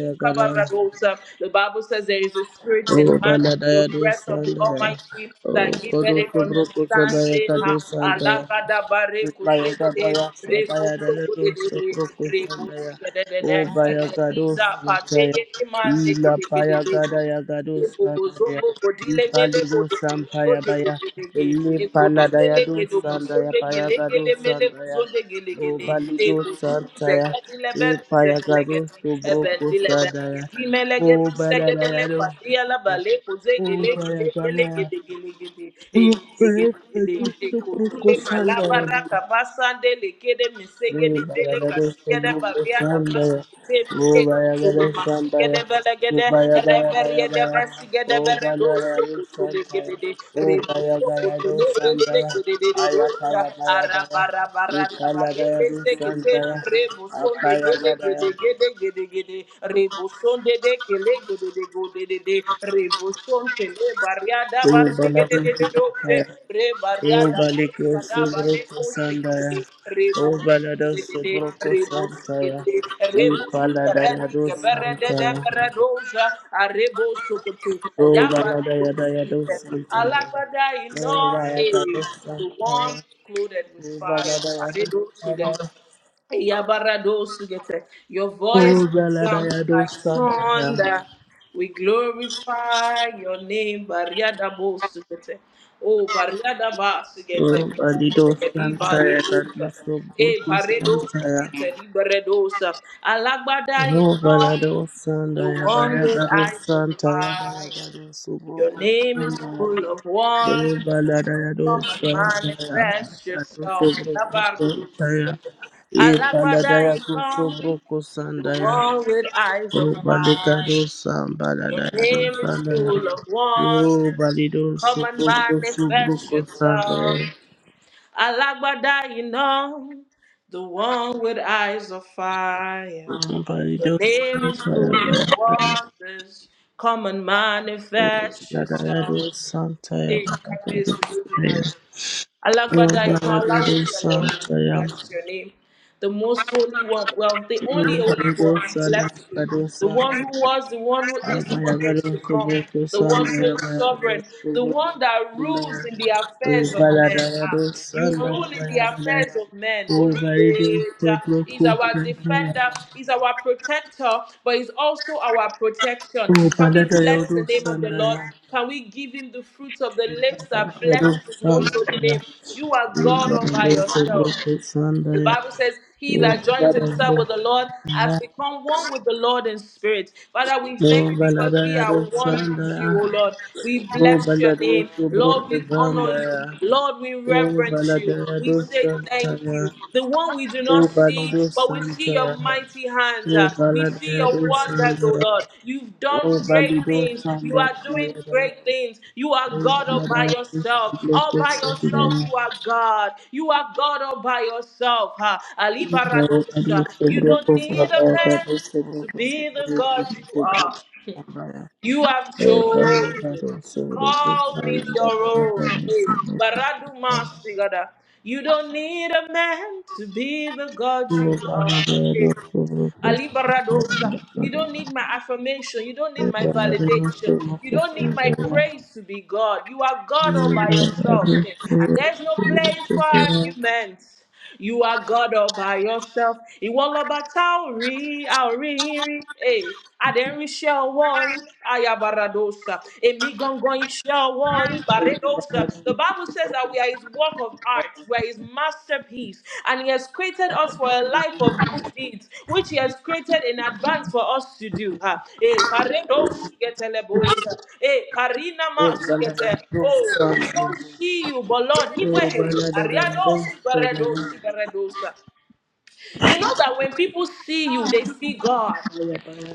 S2: the Bible says there is a spirit in
S1: Oh,
S2: man,
S1: balada
S2: the
S1: do
S2: breath of the
S1: Santa
S2: Almighty
S1: Oh,
S2: that giveth
S1: kodo
S2: it
S1: kubro kusa baya
S2: understanding.
S1: gado
S2: Ha,
S1: Santa ya.
S2: alagada bare
S1: Bayaga
S2: kusegede,
S1: bayasa
S2: rebo
S1: bayadele dosa
S2: sogedede,
S1: broko
S2: rebo
S1: sandaya. O
S2: sigedede,
S1: bayaga
S2: reiza
S1: dosa daya.
S2: pateye imande
S1: Ila bayaga
S2: kedede.
S1: daya gadosa daya.
S2: Kogozombo kodile mele
S1: Ipali dosa
S2: kodokologo
S1: mpaya baya.
S2: jelegedege.
S1: Ili
S2: E
S1: pala daya
S2: kodumele gedo
S1: dosa daya
S2: mosonde
S1: bayaga
S2: gelegede mele
S1: daya.
S2: kuzonde
S1: O
S2: gelegede.
S1: bali
S2: E
S1: dosa
S2: kodum
S1: daya.
S2: zegedile ben
S1: Ipaya
S2: zebelegedi.
S1: gadosa
S2: E
S1: broko
S2: bendile
S1: sandaya.
S2: belegedi
S1: O
S2: melegedi
S1: bala daya
S2: segedele patia la
S1: dosa.
S2: bale koze
S1: O
S2: gelegede
S1: bayaga daya.
S2: gelegede gelegede. E
S1: We pray for
S2: gelegede.
S1: you
S2: E
S1: to cook
S2: kodule
S1: us
S2: malabara kabasande lekede
S1: Oh,
S2: mesegede tele
S1: Balada
S2: kasigede
S1: Sobroco
S2: baria da
S1: Santaya,
S2: Rebariada, Rebariada, Rebariada,
S1: Upala Dayado Santaya, Oh, Baladaya Daya do Santa.
S2: Alabada, you
S1: Oh,
S2: know,
S1: Rayaka
S2: eh,
S1: do
S2: the one
S1: Santa.
S2: clothed with
S1: Oh,
S2: fire. Are
S1: Baladaya
S2: they
S1: do Santa.
S2: those who get it? Yabaradosugete. Your voice
S1: Oh,
S2: sounds
S1: Baladaya do
S2: like
S1: Santa.
S2: thunder. We glorify your name, Bariada Bosugete. Oh, Bariada Basugete,
S1: Oh, Balido Santa. That
S2: Libaridosa.
S1: is so good
S2: Eh,
S1: to
S2: Paredo
S1: Santa.
S2: Sugete, Liberadosa. Alagbada is
S1: Oh,
S2: not
S1: Balado Santa.
S2: the one with
S1: Bayaka do
S2: eyes of
S1: Santa.
S2: fire.
S1: Bayaka do
S2: Your
S1: Subroco
S2: name is
S1: Santa.
S2: full of wonder.
S1: Oh, Baladaya do
S2: Come and
S1: Santa. Bayaka do Subroco Santa.
S2: manifest yourself. Labaradosugete.
S1: E
S2: Alagbada
S1: Baladaya do
S2: is
S1: Subroco
S2: the
S1: Santa.
S2: one with eyes of
S1: Oh,
S2: fire.
S1: Balikado
S2: Your
S1: Sambaladayado
S2: name is
S1: Sandaya.
S2: full of
S1: Oh,
S2: wonders.
S1: Balido
S2: Come and
S1: Subuko
S2: manifest
S1: Subuko
S2: yourself.
S1: Sandaya.
S2: Alagbada, you know. The one with eyes of fire. Your
S1: Balido
S2: name is full of
S1: Sambaladayado
S2: wonders. Come and manifest yourself.
S1: Santaya
S2: Hey,
S1: Baladayado
S2: Kabiyesi Olódùmarè.
S1: Sandaya. Oh,
S2: Alágbádá iná aláwọ̀
S1: Baladayado
S2: ìsàlẹ̀ ọ̀run,
S1: Santaya.
S2: bless your name the most holy one. Well, the
S1: Oh,
S2: only holy
S1: Balido
S2: one, we bless you.
S1: Sandayado
S2: The one
S1: Santaya.
S2: who was, the one who is, the one who is
S1: Abayagado
S2: to come,
S1: Subuko
S2: the one who
S1: Sandaya
S2: is
S1: Bayagado
S2: sovereign, the
S1: Subuko
S2: one that rules
S1: Sandaya.
S2: in the
S1: Oh,
S2: affairs of men. Ah,
S1: Baladayado
S2: you rule
S1: Sandaya
S2: in the
S1: Baladayado
S2: affairs of men.
S1: O marido
S2: Olubeja
S1: sobrou
S2: is our
S1: coxinha,
S2: defender, is our protector, but is also our protection.
S1: o
S2: Can we
S1: padeiro
S2: bless the
S1: do
S2: name of the Lord?
S1: sandaia,
S2: Can we give him the fruits of the lips that bless
S1: do
S2: his most holy
S1: sandaia,
S2: name? You are
S1: o
S2: God all by
S1: marido sobrou
S2: yourself. The
S1: coxandaia,
S2: Bible says, He
S1: o
S2: that joins himself
S1: padeiro
S2: with the Lord has become one with the Lord in spirit. Father, we thank
S1: do
S2: you because we
S1: baladeia
S2: are
S1: do
S2: one with
S1: sandaia,
S2: you, O Lord. We
S1: o
S2: bless your
S1: baladeiro
S2: name.
S1: sobrou
S2: Lord, we honor you.
S1: coxandaia,
S2: Lord, we
S1: o
S2: reverence you.
S1: baladeia
S2: We
S1: do
S2: say thank you.
S1: sandaia,
S2: The one we do
S1: o
S2: not see,
S1: balido
S2: but we see your
S1: sandaia,
S2: mighty hands.
S1: o
S2: uh, We see
S1: baladeia
S2: your
S1: do
S2: wonders, oh
S1: sandaia,
S2: Lord. You've done
S1: o
S2: great
S1: balido
S2: things. You are doing
S1: sandaia,
S2: great things. You are God all by yourself. All by yourself, you are God. You are God all by yourself. huh? Ali Baradosa. You don't need a man to be the God you are. You have chosen to call me your own. Hey, Baradu Masigada. You don't need a man to be the God you are. Hey, Ali Baradosa. You don't need my affirmation. You don't need my validation. You don't need my praise to be God. You are God all by yourself. Hey, And there's no place for arguments. You are God all by yourself. Iwọlọba taori, aori, Adenrisha woi ayabaradosa. Emigongon woi Baradosa. The Bible says that we are his work of art, we are his masterpiece, and he has created us for a life of good deeds, which he has created in advance for us to do. Ha. Eh, paredos getelebosa. Eh, parina mas gete. Oh, we
S1: Thank you.
S2: don't see you, but Lord, he
S1: Okay.
S2: wehe. Ariados, Beredos, baradosa. you know that when people see you, they see God.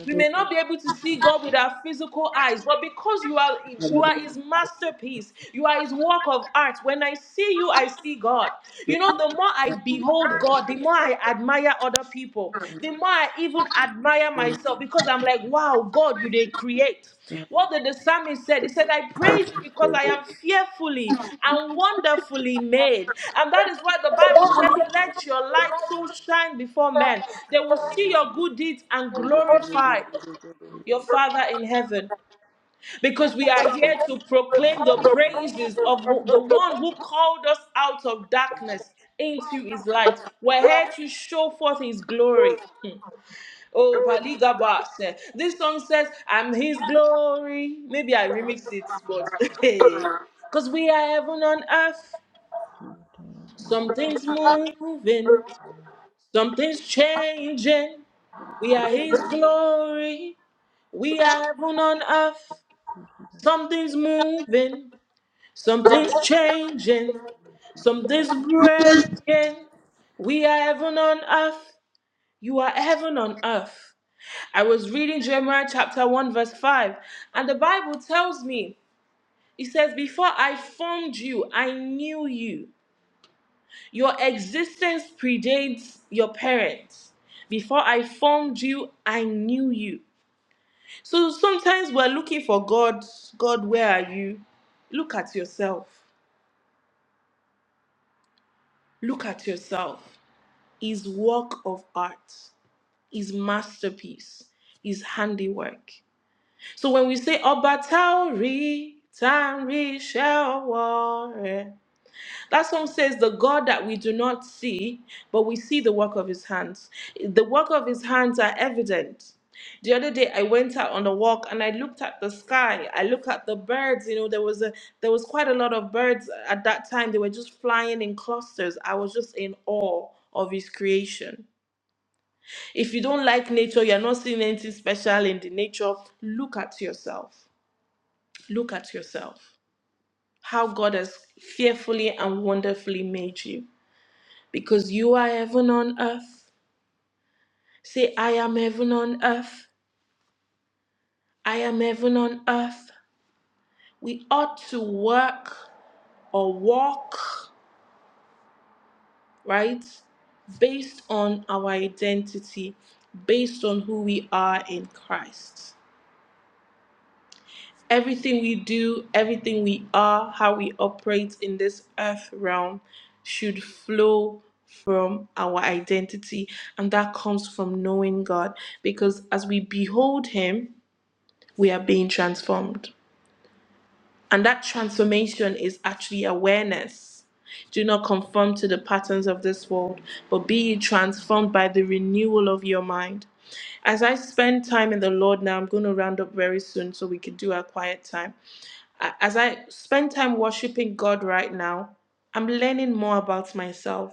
S2: We may not be able to see God with our physical eyes, but because you are you are his masterpiece, you are his work of art. When I see you, I see God. You know, the more I behold God, the more I admire other people, the more I even admire myself because so I'm like, wow, God, you didn't create. What did the psalmist said? He said, I praise you because I am fearfully and wonderfully made. And that is why the Bible says, Let your light so shine before men. They will see your good deeds and glorify your Father in heaven. Because we are here to proclaim the praises of wh- the one who called us out of darkness into his light. We're here to show forth his glory. Hmm. Oh, Paliga Bass. eh, This song says, I'm his glory. Maybe I remixed it, but <laughs> because we are heaven on earth. Something's moving, something's changing. We are his glory. We are heaven on earth. Something's moving, something's changing, something's breaking. We are heaven on earth. You are heaven on earth. I was reading Jeremiah chapter 1, verse 5, and the Bible tells me, it says, Before I formed you, I knew you. Your existence predates your parents. Before I formed you, I knew you. So sometimes we're looking for God. God, where are you? Look at yourself. Look at yourself. His work of art, his masterpiece, his handiwork. So when we say Obatauri, Tanri Shaware, that song says the God that we do not see, but we see the work of his hands. The work of his hands are evident. The other day I went out on a walk and I looked at the sky. I looked at the birds. You know, there was a there was quite a lot of birds at that time. They were just flying in clusters. I was just in awe of his creation. If you don't like nature, you're not seeing anything special in the nature, look at yourself. Look at yourself, how God has fearfully and wonderfully made you, because you are heaven on earth. Say, I am heaven on earth. I am heaven on earth. We ought to work or walk, right? Based on our identity, based on who we are in Christ. Everything we do, everything we are, how we operate in this earth realm should flow from our identity. And that comes from knowing God. Because as we behold Him, we are being transformed. And that transformation is actually awareness. Do not conform to the patterns of this world, but be ye transformed by the renewal of your mind. As I spend time in the Lord now, I'm going to round up very soon so we can do our quiet time. A- As I spend time worshiping God right now, I'm learning more about myself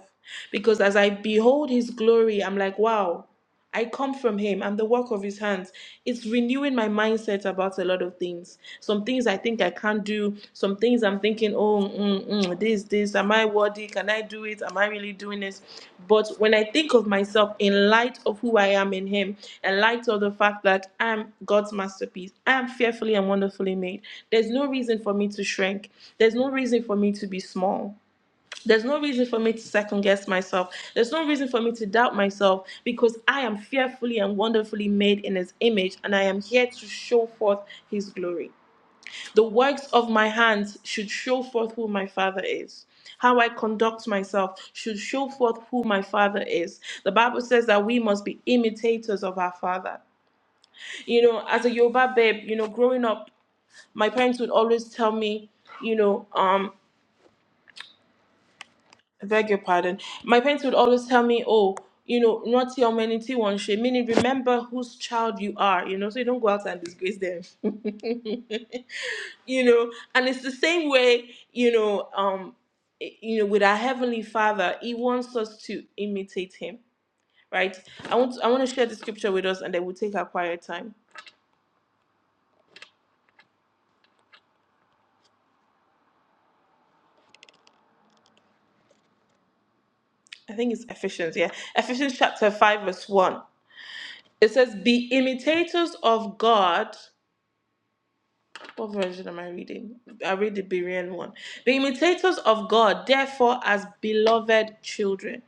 S2: because as I behold His glory, I'm like, wow, I come from Him. I'm the work of His hands. It's renewing my mindset about a lot of things. Some things I think I can't do, some things I'm thinking thinking, oh, mm, mm, this, this, am I worthy? Can I do it? Am I really doing this? But when I think of myself in light of who I am in Him, in light of the fact that I'm God's masterpiece, I am fearfully and wonderfully made. There's no reason for me to shrink. There's no reason for me to be small. There's no reason for me to second guess myself. There's no reason for me to doubt myself because I am fearfully and wonderfully made in His image and I am here to show forth His glory. The works of my hands should show forth who my Father is. How I conduct myself should show forth who my Father is. The Bible says that we must be imitators of our Father. You know, as a Yoruba babe, you know, growing up, my parents would always tell me, you know, um, I beg your pardon. My parents would always tell me, oh, you know, not your humanity one shame, meaning remember whose child you are, you know, so you don't go out and disgrace them. <laughs> you know and it's the same way you know um i- you know with our heavenly father he wants us to imitate him right i want i want to share the scripture with us and then we'll take our quiet time i think it's ephesians yeah ephesians chapter 5 verse 1 it says be imitators of god what version am i reading i read the berean one be imitators of god therefore as beloved children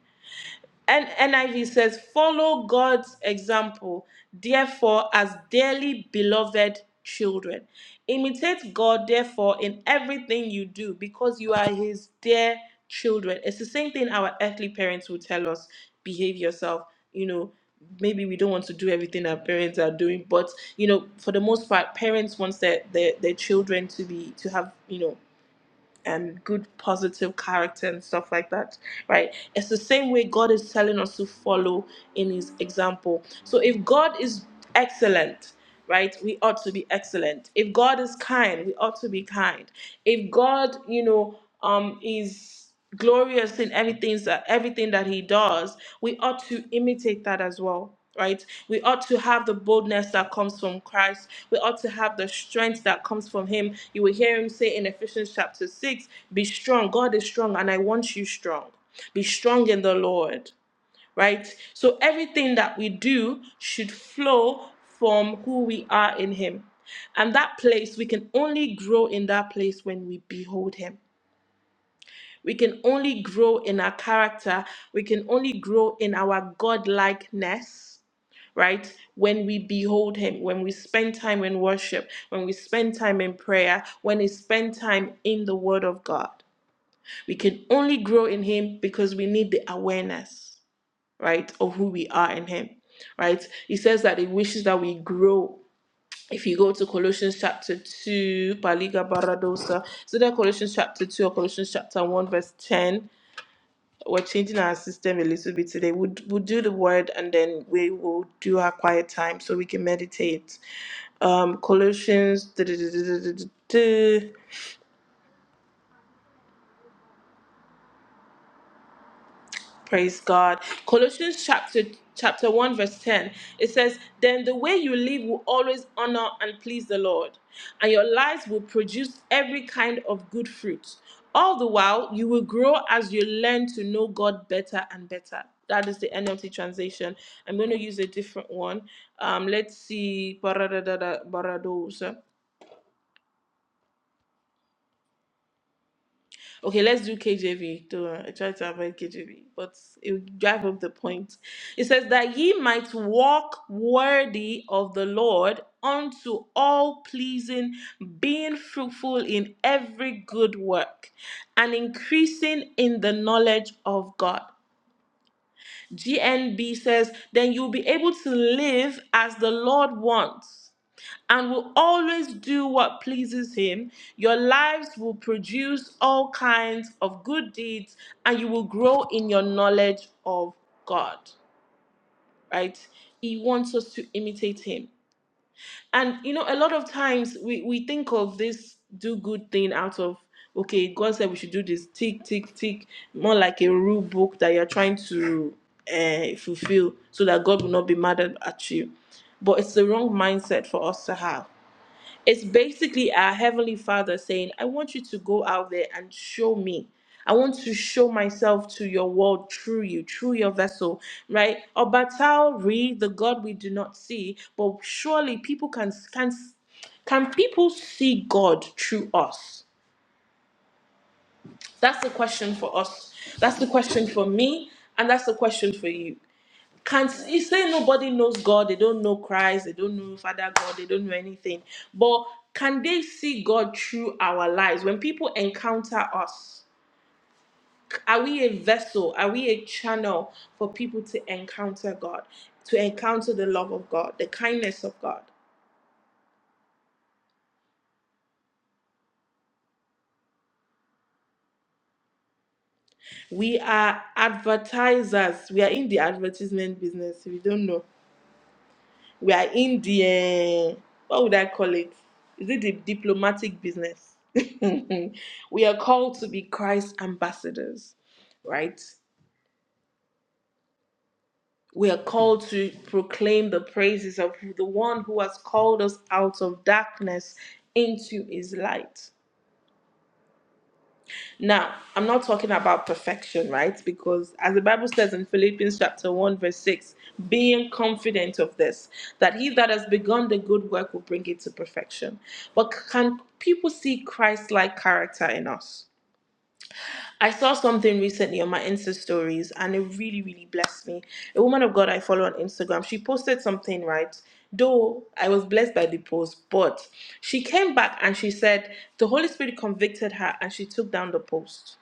S2: And NIV says, Follow God's example, therefore, as dearly beloved children. Imitate God, therefore, in everything you do, because you are His dear children. It's the same thing our earthly parents will tell us behave yourself. You know, maybe we don't want to do everything our parents are doing, but, you know, for the most part, parents want their, their, their children to be, to have, you know, and good positive character and stuff like that right it's the same way god is telling us to follow in his example so if god is excellent right we ought to be excellent if god is kind we ought to be kind if god you know um is glorious in everything that everything that he does we ought to imitate that as well right we ought to have the boldness that comes from christ we ought to have the strength that comes from him you will hear him say in ephesians chapter 6 be strong god is strong and i want you strong be strong in the lord right so everything that we do should flow from who we are in him and that place we can only grow in that place when we behold him we can only grow in our character. We can only grow in our godlikeness, right? When we behold Him, when we spend time in worship, when we spend time in prayer, when we spend time in the Word of God. We can only grow in Him because we need the awareness, right, of who we are in Him, right? He says that He wishes that we grow. If you go to Colossians chapter 2, Paliga Baradosa, so that Colossians chapter 2 or Colossians chapter 1, verse 10, we're changing our system a little bit today. We'll, we'll do the word and then we will do our quiet time so we can meditate. Um, Colossians. Da, da, da, da, da, da, Praise God. Colossians chapter chapter 1 verse 10. It says, "Then the way you live will always honor and please the Lord, and your lives will produce every kind of good fruit. All the while, you will grow as you learn to know God better and better." That is the NLT translation. I'm going to use a different one. Um, let's see. Okay, let's do KJV. Though I tried to avoid KJV, but it will drive home the point. It says that ye might walk worthy of the Lord unto all pleasing, being fruitful in every good work, and increasing in the knowledge of God. GNB says, then you'll be able to live as the Lord wants and will always do what pleases Him. Your lives will produce all kinds of good deeds and you will grow in your knowledge of God, right? He wants us to imitate Him. And you know, a lot of times we, we think of this do good thing out of okay, God said we should do this tick, tick, tick, more like a rule book that you're trying to uh, fulfill so that God will not be mad at at you. But it's the wrong mindset for us to have. It's basically our Heavenly Father saying, I want you to go out there and show me. I want to show myself to your world through you, through your vessel, right? Obatari, the God we do not see, but surely people can can can people see God through us? That's the question for us. That's the question for me, and that's the question for you. Can't he's saying nobody knows God, they don't know Christ, they don't know Father God, they don't know anything. But can they see God through our lives? When people encounter us, are we a vessel? Are we a channel for people to encounter God, to encounter the love of God, the kindness of God? We are advertisers. We are in the advertisement business. If you don't know, we are in the eh, what would I call it? Is it the diplomatic business? we are called to be Christ's ambassadors, right? We are called to proclaim the praises of the one who has called us out of darkness into his light. Now, I'm not talking about perfection, right? Because as the Bible says in Philippians chapter 1, verse 6, being confident of this, that he that has begun the good work will bring it to perfection. But can people see Christ like character in us? I saw something recently on my Insta stories and it really, really blessed me. A woman of God I follow on Instagram, she posted something, right? Though I was blessed by the post, but she came back and she said the Holy Spirit convicted her and she took down the post,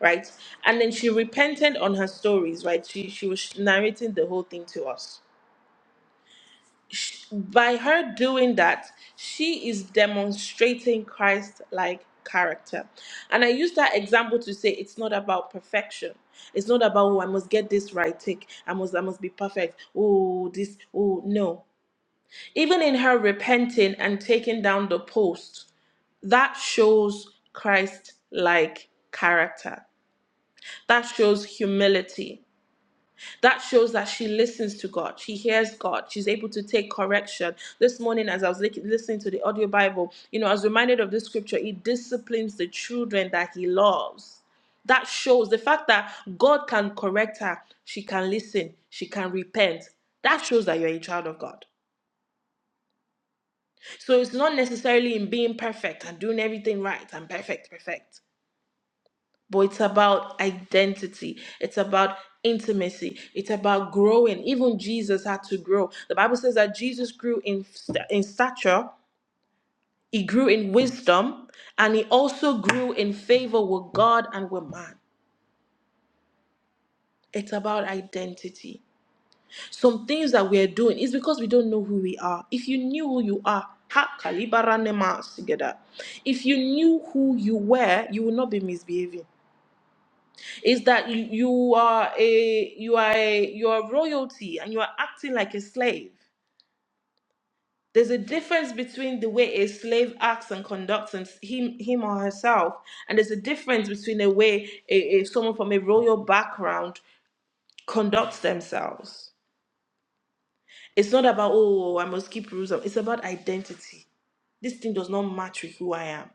S2: right? And then she repented on her stories, right? She she was narrating the whole thing to us sh- by her doing that, she is demonstrating Christ like character. And I use that example to say it's not about perfection. It's not about oh I must get this right, take I must I must be perfect. Oh this oh no. Even in her repenting and taking down the post, that shows Christ like character. That shows humility that shows that she listens to God. She hears God. She's able to take correction. This morning, as I was listening to the audio Bible, you know, I was reminded of this scripture He disciplines the children that He loves. That shows the fact that God can correct her. She can listen. She can repent. That shows that you're a child of God. So it's not necessarily in being perfect and doing everything right and perfect, perfect. but it's about identity. It's about intimacy. It's about growing. Even Jesus had to grow. The Bible says that Jesus grew in st- in stature, he grew in wisdom, and he also grew in favor with God and with man. It's about identity. Some things that we're doing is because we don't know who we are. If you knew who you are, ha kalibara nema together. If you knew who you were, you would not be misbehaving. is that you, you are a you are a you are royalty and you are acting like a slave there's a difference between the way a slave acts and conducts and s- him him or herself and there's a difference between the way a, a someone from a royal background conducts themselves it's not about oh i must keep rules it's about identity this thing does not match with who i am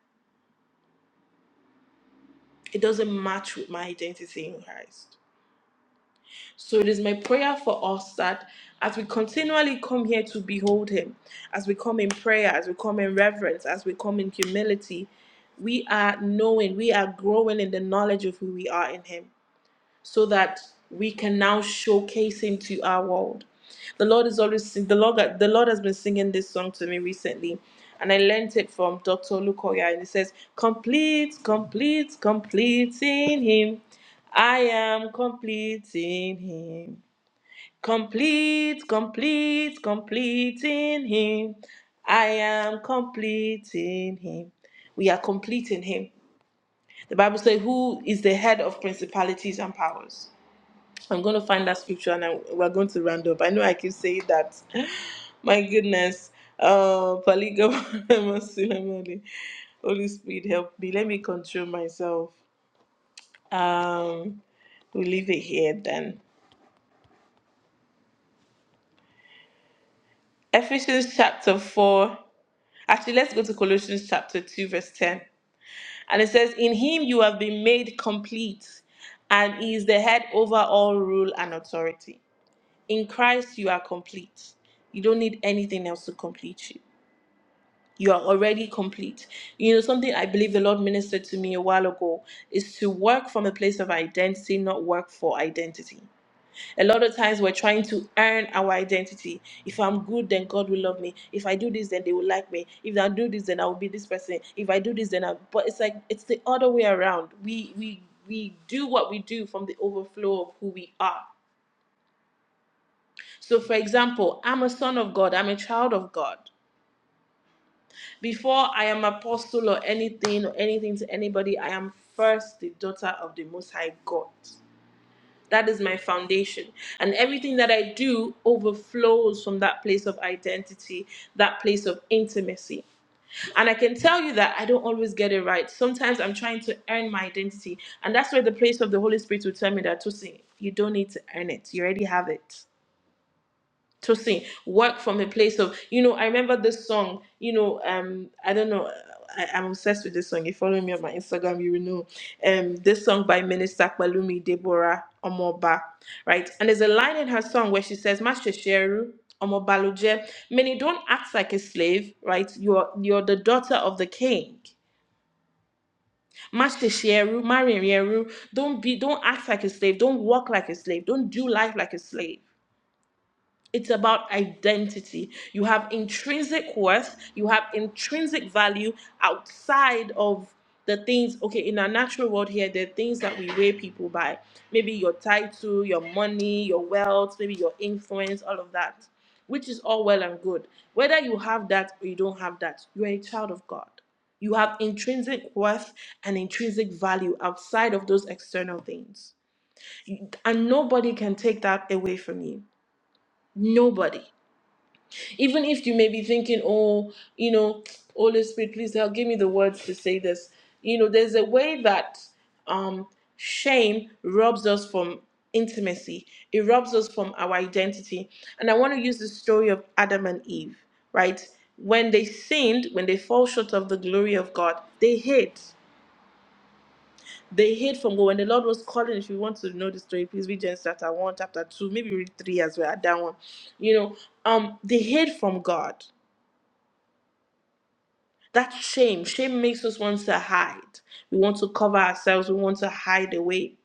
S2: it doesn't match with my identity in christ So it is my prayer for us that as we continually come here to behold Him, as we come in prayer, as we come in reverence, as we come in humility, we are knowing, we are growing in the knowledge of who we are in Him so that we can now showcase him to our world. The Lord is always sing- the Lord the Lord has been singing this song to me recently, and I learnt it from Dr. Lukoya, and it says, "Complete, complete, complete in Him. I am complete in Him. Complete, complete, complete in Him. I am complete in Him. We are complete in Him." The Bible says, "Who is the head of principalities and powers?" I'm going to find that scripture and i we're going to round up. I know I keep saying that. <gasps> <laughs> My goodness. Oh, polygamous <laughs> Holy Spirit, help me. Let me control myself. Um, we'll leave it here then. Ephesians chapter 4. Actually, let's go to Colossians chapter 2, verse 10. And it says, In him you have been made complete, and he is the head over all rule and authority. In Christ you are complete. You don't need anything else to complete you. you are already complete. You know, something I believe the Lord ministered to me a while ago is to work from a place of identity, not work for identity. A lot of times we're trying to earn our identity. If I'm good, then God will love me. If I do this, then they will like me. If I do this, then I will be this person. If I do this, then I. But it's like it's the other way around. We we we do what we do from the overflow of who we are. So, for example, I'm a son of God. I'm a child of God. Before I am apostle or anything or anything to anybody, I am first the daughter of the Most High God. That is my foundation. And everything that I do overflows from that place of identity, that place of intimacy. And I can tell you that I don't always get it right. Sometimes I'm trying to earn my identity. And that's where the place of the Holy Spirit will tell me that, Tosin, you don't need to earn it. You already have it to sing work from a place of you know i remember this song you know um i don't know I, i'm obsessed with this song if you follow me on my instagram you will know um this song by minister Kwalumi deborah omoba right and there's a line in her song where she says master sheru omobaluje many don't act like a slave right you're you're the daughter of the king Master Sheru, Marian Yeru, don't be don't act like a slave, don't walk like a slave, don't do life like a slave it's about identity. You have intrinsic worth, you have intrinsic value outside of the things, okay, in our natural world here, there are things that we weigh people by. Maybe your title, your money, your wealth, maybe your influence, all of that, which is all well and good. Whether you have that or you don't have that, you are a child of God. You have intrinsic worth and intrinsic value outside of those external things. You- And nobody can take that away from you. Nobody even if you may be thinking, oh, you know, Holy Spirit, please help, give me the words to say this. You know, there's a way that um, shame robs us from intimacy, it robs us from our identity. And I want to use the story of Adam and Eve, right? When they sinned, when they fall short of the glory of God, they hid. They hid from God. When the Lord was calling, if you want to know the story, please read Genesis chapter 1, chapter 2, maybe read 3 as well, that one. You know, um, they hid from God That's shame. Shame makes us want to hide. We want to cover ourselves. We want to hide away.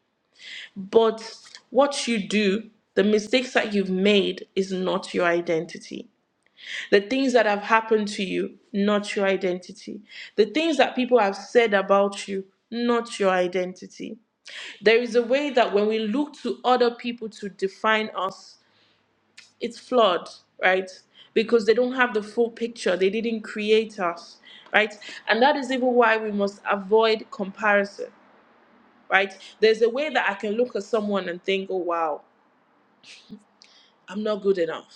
S2: But what you do, the mistakes that you've made, is not your identity. The things that have happened to you, not your identity. The things that people have said about you, not your identity. There is a way that when we look to other people to define us, it's flawed, right? Because they don't have the full picture. They didn't create us, right? And that is even why we must avoid comparison, right? There's a way that I can look at someone and think, oh, wow, I'm not good enough,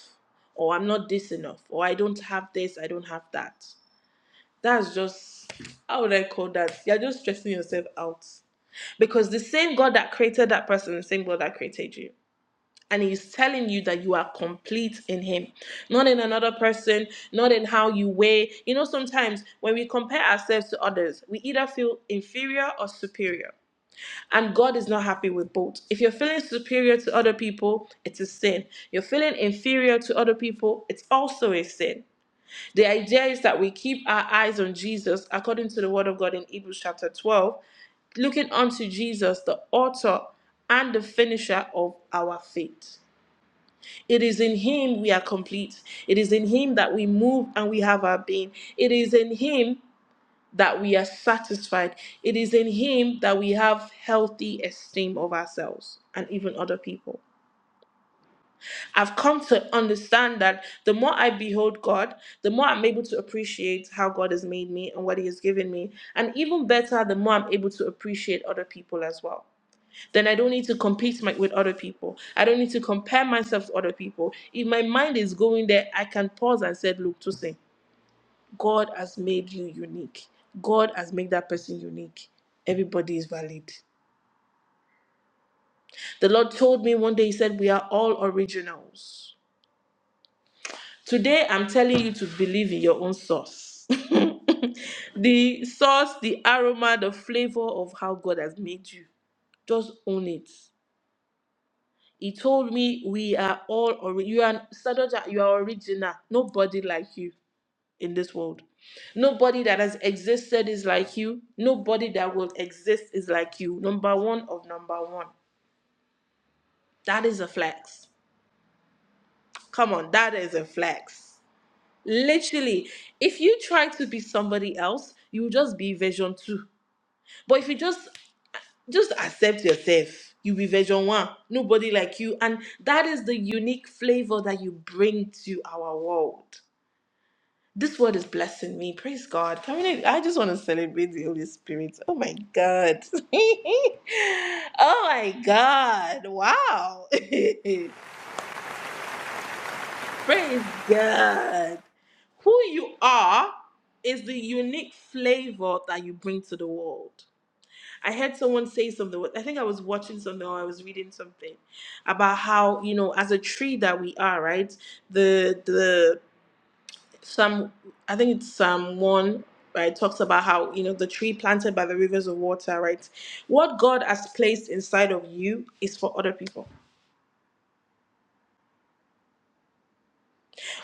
S2: or I'm not this enough, or I don't have this, I don't have that. That's just, how would I call that? You're just stressing yourself out. Because the same God that created that person, the same God that created you. And he's telling you that you are complete in him, not in another person, not in how you weigh. You know, sometimes when we compare ourselves to others, we either feel inferior or superior. And God is not happy with both. If you're feeling superior to other people, it's a sin. You're feeling inferior to other people, it's also a sin. The idea is that we keep our eyes on Jesus according to the word of God in Hebrews chapter 12, looking unto Jesus, the author and the finisher of our faith. It is in Him we are complete. It is in Him that we move and we have our being. It is in Him that we are satisfied. It is in Him that we have healthy esteem of ourselves and even other people. I've come to understand that the more I behold God, the more I'm able to appreciate how God has made me and what He has given me. And even better, the more I'm able to appreciate other people as well then I don't need to compete my, with other people. I don't need to compare myself to other people. If my mind is going there, I can pause and say, look, Tosin, God has made you unique. God has made that person unique. Everybody is valid. The Lord told me one day, He said, we are all originals. Today, I'm telling you to believe in your own source. <laughs> the source, the aroma, the flavor of how God has made you. Just own it. He told me we are all ori- you are Sadoja, you are original. Nobody like you in this world. Nobody that has existed is like you. Nobody that will exist is like you. Number one of number one. That is a flex. Come on, that is a flex. Literally, if you try to be somebody else, you will just be version two. But if you just just accept yourself. You be version one, nobody like you. And that is the unique flavor that you bring to our world. This word is blessing me. Praise God. I I just want to celebrate the Holy Spirit. Oh my God. <laughs> oh my God. Wow. <laughs> Praise God. Who you are is the unique flavor that you bring to the world. I heard someone say something. I think I was watching something or I was reading something about how you know, as a tree that we are, right? The the some I think it's Psalm one right talks about how you know the tree planted by the rivers of water, right? What God has placed inside of you is for other people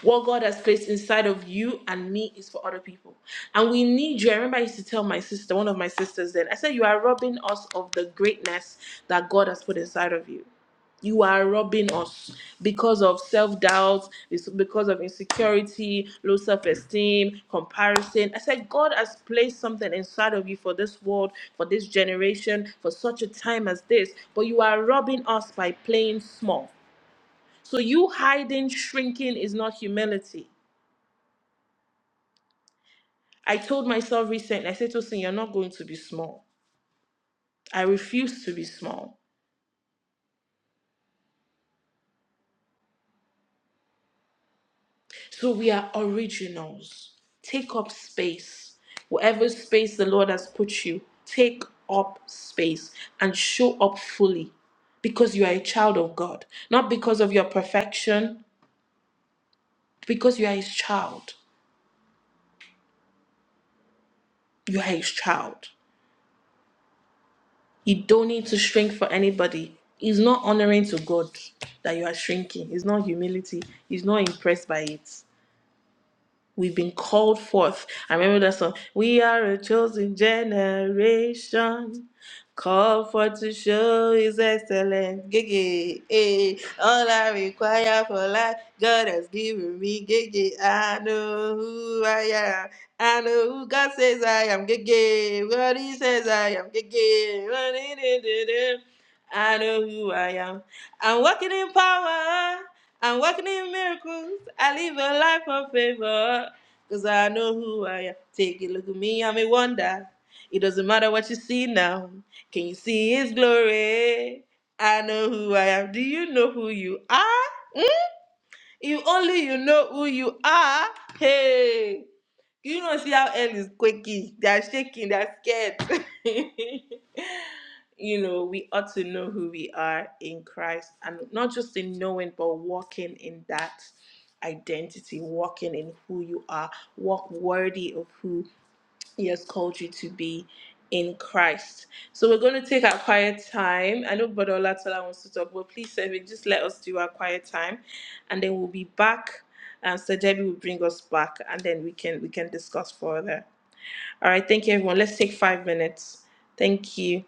S2: What God has placed inside of you and me is for other people. And we need you. I remember I used to tell my sister, one of my sisters then, I said, You are robbing us of the greatness that God has put inside of you. You are robbing us because of self doubt, it's because of insecurity, low self esteem, comparison. I said, God has placed something inside of you for this world, for this generation, for such a time as this, but you are robbing us by playing small. So you hiding, shrinking is not humility. I told myself recently, I said, Tosin, you're not going to be small. I refuse to be small. So we are originals. Take up space. Whatever space the Lord has put you, take up space and show up fully because you are a child of God, not because of your perfection, because you are his child. You are his child. You don't need to shrink for anybody. It's not honoring to God that you are shrinking. It's not humility. He's not impressed by it. We've been called forth. I remember that song. We are a chosen generation, called forth to show His excellence. Gigi, eh. All I require for life, God has given me. Gigi, I know who I am. I know who God says I am. Gigi, what He says I am. Gigi, what He did. I know who I am. I'm walking in power. I'm walking in miracles. I live a life of favor. Cause I know who I am. Take a look at me, I'm a wonder. It doesn't matter what you see now. Can you see his glory? I know who I am. Do you know who you are? If only you know who you are. Hey, do you not see how hell is quaking? They are shaking, they are scared. <laughs> you know, we ought to know who we are in Christ and not just in knowing, but walking in that identity, walking in who you are, walk worthy of who he has called you to be in Christ. So we're going to take our quiet time. I know Brother Olatola wants to talk, but please, Seven, just let us do our quiet time, and then we'll be back. And Sir Debbie will bring us back, and then we can we can discuss further. All right, thank you, everyone. Let's take five minutes. Thank you.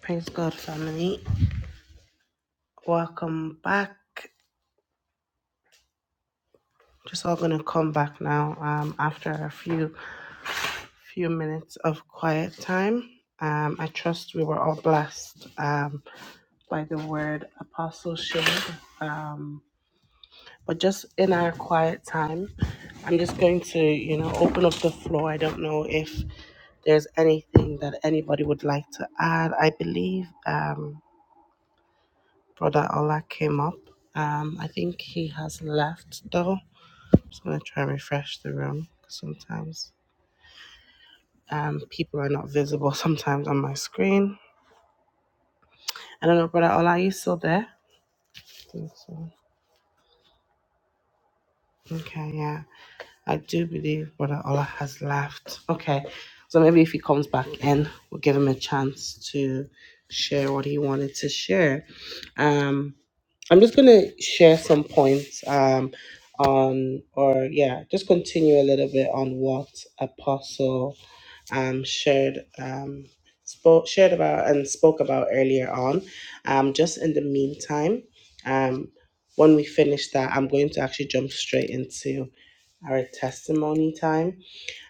S1: Praise God, family. Welcome back. Just all gonna come back now. Um, after a few few minutes of quiet time. Um, I trust we were all blessed um, by the word apostle shared. Um. but just in our quiet time, I'm just going to, you know, open up the floor. I don't know if there's anything that anybody would like to add. I believe um, Brother Ola came up. Um, I think he has left though. I'm just going to try and refresh the room. Sometimes um, people are not visible <laughs> sometimes on my screen. I don't know, Brother Ola, are you still there? I think so. Okay, yeah. I do believe Brother Ola has left. Okay, so maybe if he comes back in, we'll give him a chance to share what he wanted to share. Um. I'm just going to share some points um, on, or yeah, just continue a little bit on what Apostle um, shared um, spoke shared about and spoke about earlier on. Um, just in the meantime, um, when we finish that, I'm going to actually jump straight into our testimony time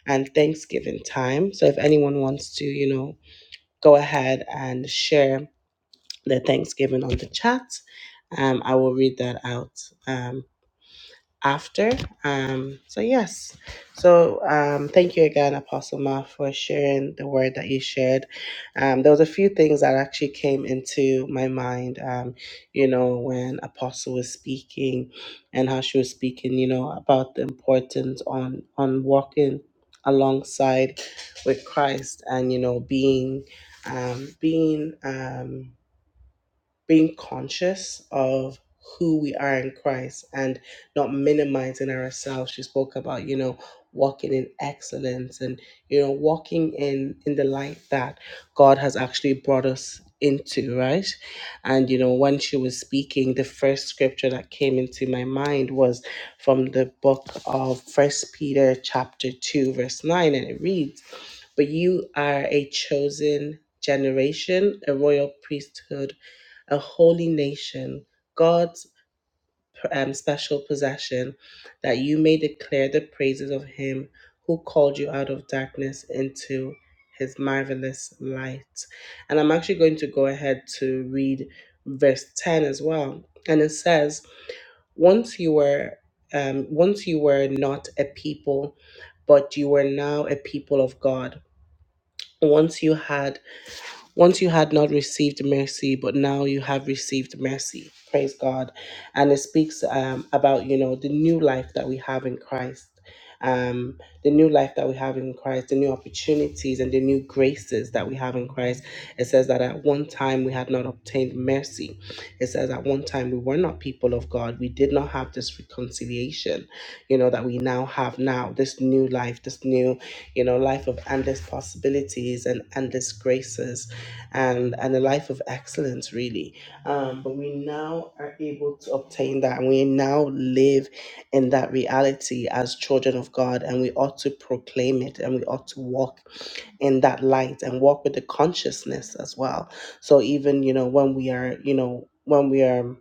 S1: and Thanksgiving time. So if anyone wants to, you know, go ahead and share the Thanksgiving on the chat. Um, I will read that out um, after. Um, so, yes. So, um, thank you again, Apostle Ma, for sharing the word that you shared. Um, there was a few things that actually came into my mind, um, you know, when Apostle was speaking and how she was speaking, you know, about the importance on, on walking alongside with Christ and, you know, being, um, being, um, being conscious of who we are in Christ and not minimizing ourselves. She spoke about, you know, walking in excellence and, you know, walking in in the light that God has actually brought us into, right? And you know, when she was speaking, the first scripture that came into my mind was from the book of First Peter chapter 2 verse 9 and it reads, "But you are a chosen generation, a royal priesthood, a holy nation, God's um, special possession, that you may declare the praises of him who called you out of darkness into his marvelous light. And I'm actually going to go ahead to read verse 10 as well. And it says, Once you were um, once you were not a people, but you were now a people of God. Once you had once you had not received mercy, but now you have received mercy. Praise God. And it speaks um, about, you know, the new life that we have in Christ. Um, the new life that we have in Christ, the new opportunities and the new graces that we have in Christ. It says that at one time we had not obtained mercy. It says at one time we were not people of God. We did not have this reconciliation, you know, that we now have now, this new life, this new, you know, life of endless possibilities and endless graces and and a life of excellence really um, but we now are able to obtain that and we now live in that reality as children of god and we ought to proclaim it and we ought to walk in that light and walk with the consciousness as well so even you know when we are you know when we are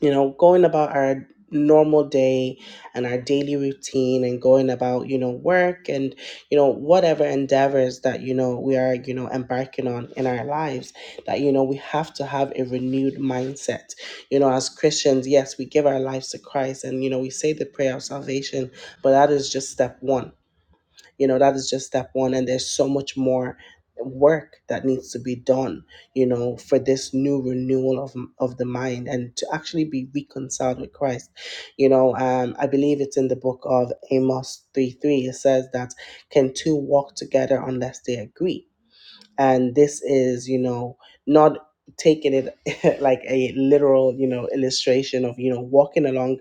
S1: you know, going about our normal day and our daily routine and going about, you know, work and, you know, whatever endeavors that, you know, we are, you know, embarking on in our lives, that, you know, we have to have a renewed mindset. You know, as Christians, yes, we give our lives to Christ and, you know, we say the prayer of salvation, but that is just step one you know that is just step one and there's so much more work that needs to be done you know for this new renewal of of the mind and to actually be reconciled with christ you know um i believe it's in the book of amos 3 3 it says that can two walk together unless they agree and this is you know not taking it <laughs> like a literal you know illustration of you know walking along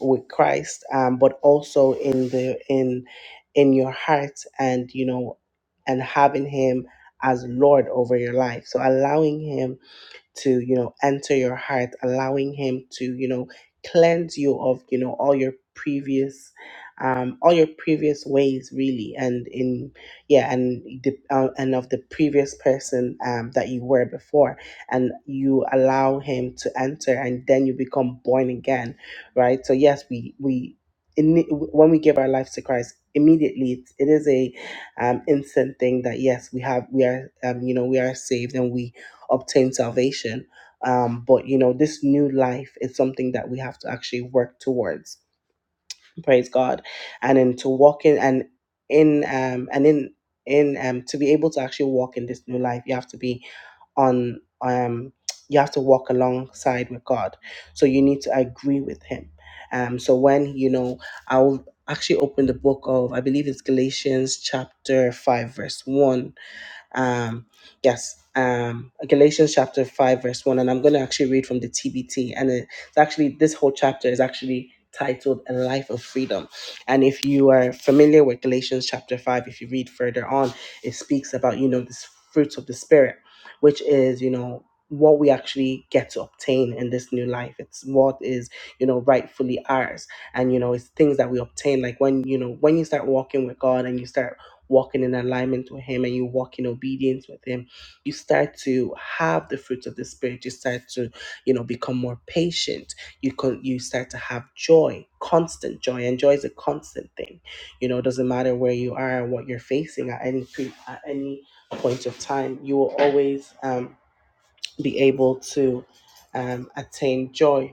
S1: with christ um but also in the in in your heart and you know and having him as lord over your life so allowing him to you know enter your heart allowing him to you know cleanse you of you know all your previous um all your previous ways really and in yeah and the uh, and of the previous person um that you were before and you allow him to enter and then you become born again right so yes we we in, when we give our lives to christ immediately it, it is a um, instant thing that yes we have we are um, you know we are saved and we obtain salvation. Um, but you know, this new life is something that we have to actually work towards. Praise God, and then to walk in and in um and in in um to be able to actually walk in this new life, you have to be on um you have to walk alongside with God. So you need to agree with Him. Um, so when you know, I'll actually open the book of I believe it's Galatians chapter five verse one um, yes, um, Galatians chapter 5, verse 1. And I'm going to actually read from the TBT. And it- it's actually, this whole chapter is actually titled A Life of Freedom. And if you are familiar with Galatians chapter 5, if you read further on, it speaks about, you know, this fruits of the Spirit, which is, you know, what we actually get to obtain in this new life. It's what is, you know, rightfully ours and you know it's things that we obtain like when you know when you start walking with god and you start walking in alignment with him and you walk in obedience with him you start to have the fruits of the spirit you start to you know become more patient you con- you start to have joy constant joy and joy is a constant thing you know it doesn't matter where you are and what you're facing at any pre- at any point of time you will always um, be able to um, attain joy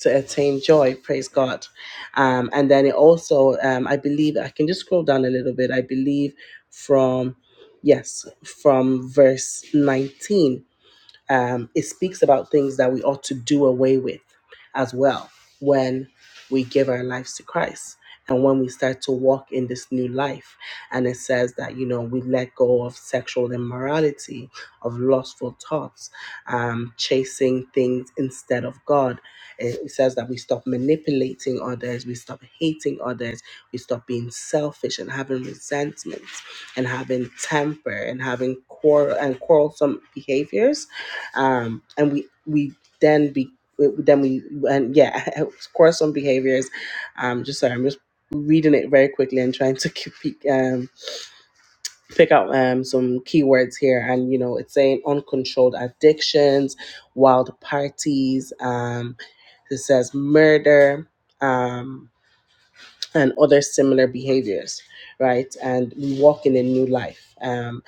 S1: to attain joy. Praise God. Um, and then it also, um, I believe, I can just scroll down a little bit. I believe from, yes, from verse 19 um, it speaks about things that we ought to do away with as well when we give our lives to Christ and when we start to walk in this new life. And it says that, you know, we let go of sexual immorality, of lustful thoughts, um, chasing things instead of God. It says that we stop manipulating others, we stop hating others, we stop being selfish and having resentments and having temper and having quarrel and quarrelsome behaviors um, and we we then be then we and yeah <laughs> of course on behaviors um just sorry i'm just reading it very quickly and trying to <laughs> keep, um, pick out um, some keywords here and you know it's saying uncontrolled addictions wild parties um, it says murder um, and other similar behaviors right and we walk in a new life Um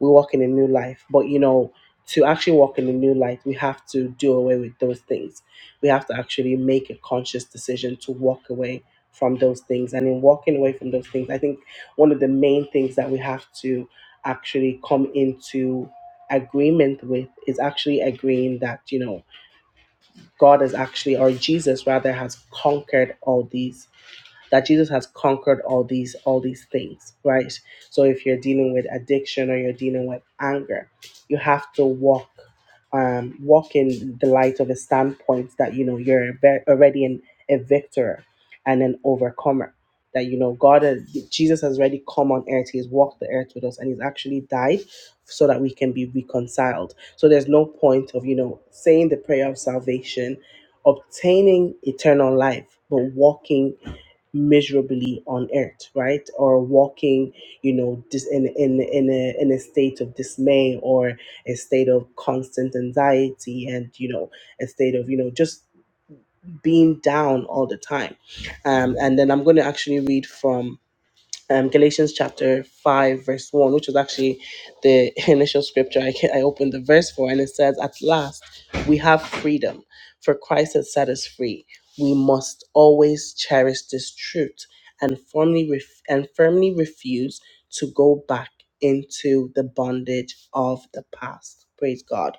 S1: we walk in a new life. But you know, to actually walk in a new life, we have to do away with those things. We have to actually make a conscious decision to walk away from those things. And in walking away from those things, I think one of the main things that we have to actually come into agreement with is actually agreeing that, you know, God has actually, or Jesus rather, has conquered all these that Jesus has conquered all these all these things, right? So if you're dealing with addiction or you're dealing with anger, you have to walk um, walk in the light of a standpoint that you know you're ve- already an, a victor and an overcomer. That you know God, has, Jesus has already come on earth. He has walked the earth with us, and He's actually died so that we can be reconciled. So there's no point of you know saying the prayer of salvation, obtaining eternal life, but walking miserably on earth right or walking you know dis in in in a, in a state of dismay or a state of constant anxiety and you know a state of you know just being down all the time um and then i'm going to actually read from um, Galatians chapter 5, verse 1, which was actually the <laughs> initial scripture I, I opened the verse for. And it says, At last, we have freedom, for Christ has set us free. We must always cherish this truth and firmly, ref- and firmly refuse to go back into the bondage of the past. Praise God.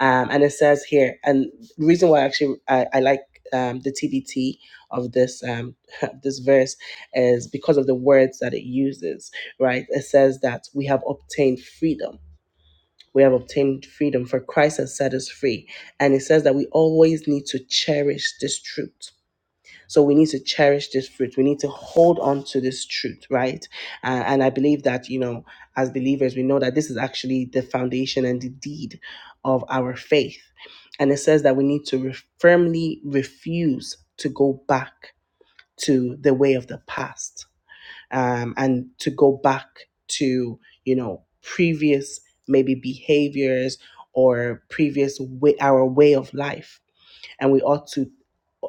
S1: Um, and it says here, and the reason why actually I, I like um, the TBT of this um, <laughs> this verse is because of the words that it uses. Right? It says that we have obtained freedom. We have obtained freedom, for Christ has set us free. And it says that we always need to cherish this truth so we need to cherish this fruit. We need to hold on to this truth, right? Uh, and I believe that, you know, as believers, we know that this is actually the foundation and the deed of our faith. And it says that we need to re- firmly refuse to go back to the way of the past um, and to go back to, you know, previous maybe behaviors or previous way, our way of life. And we ought to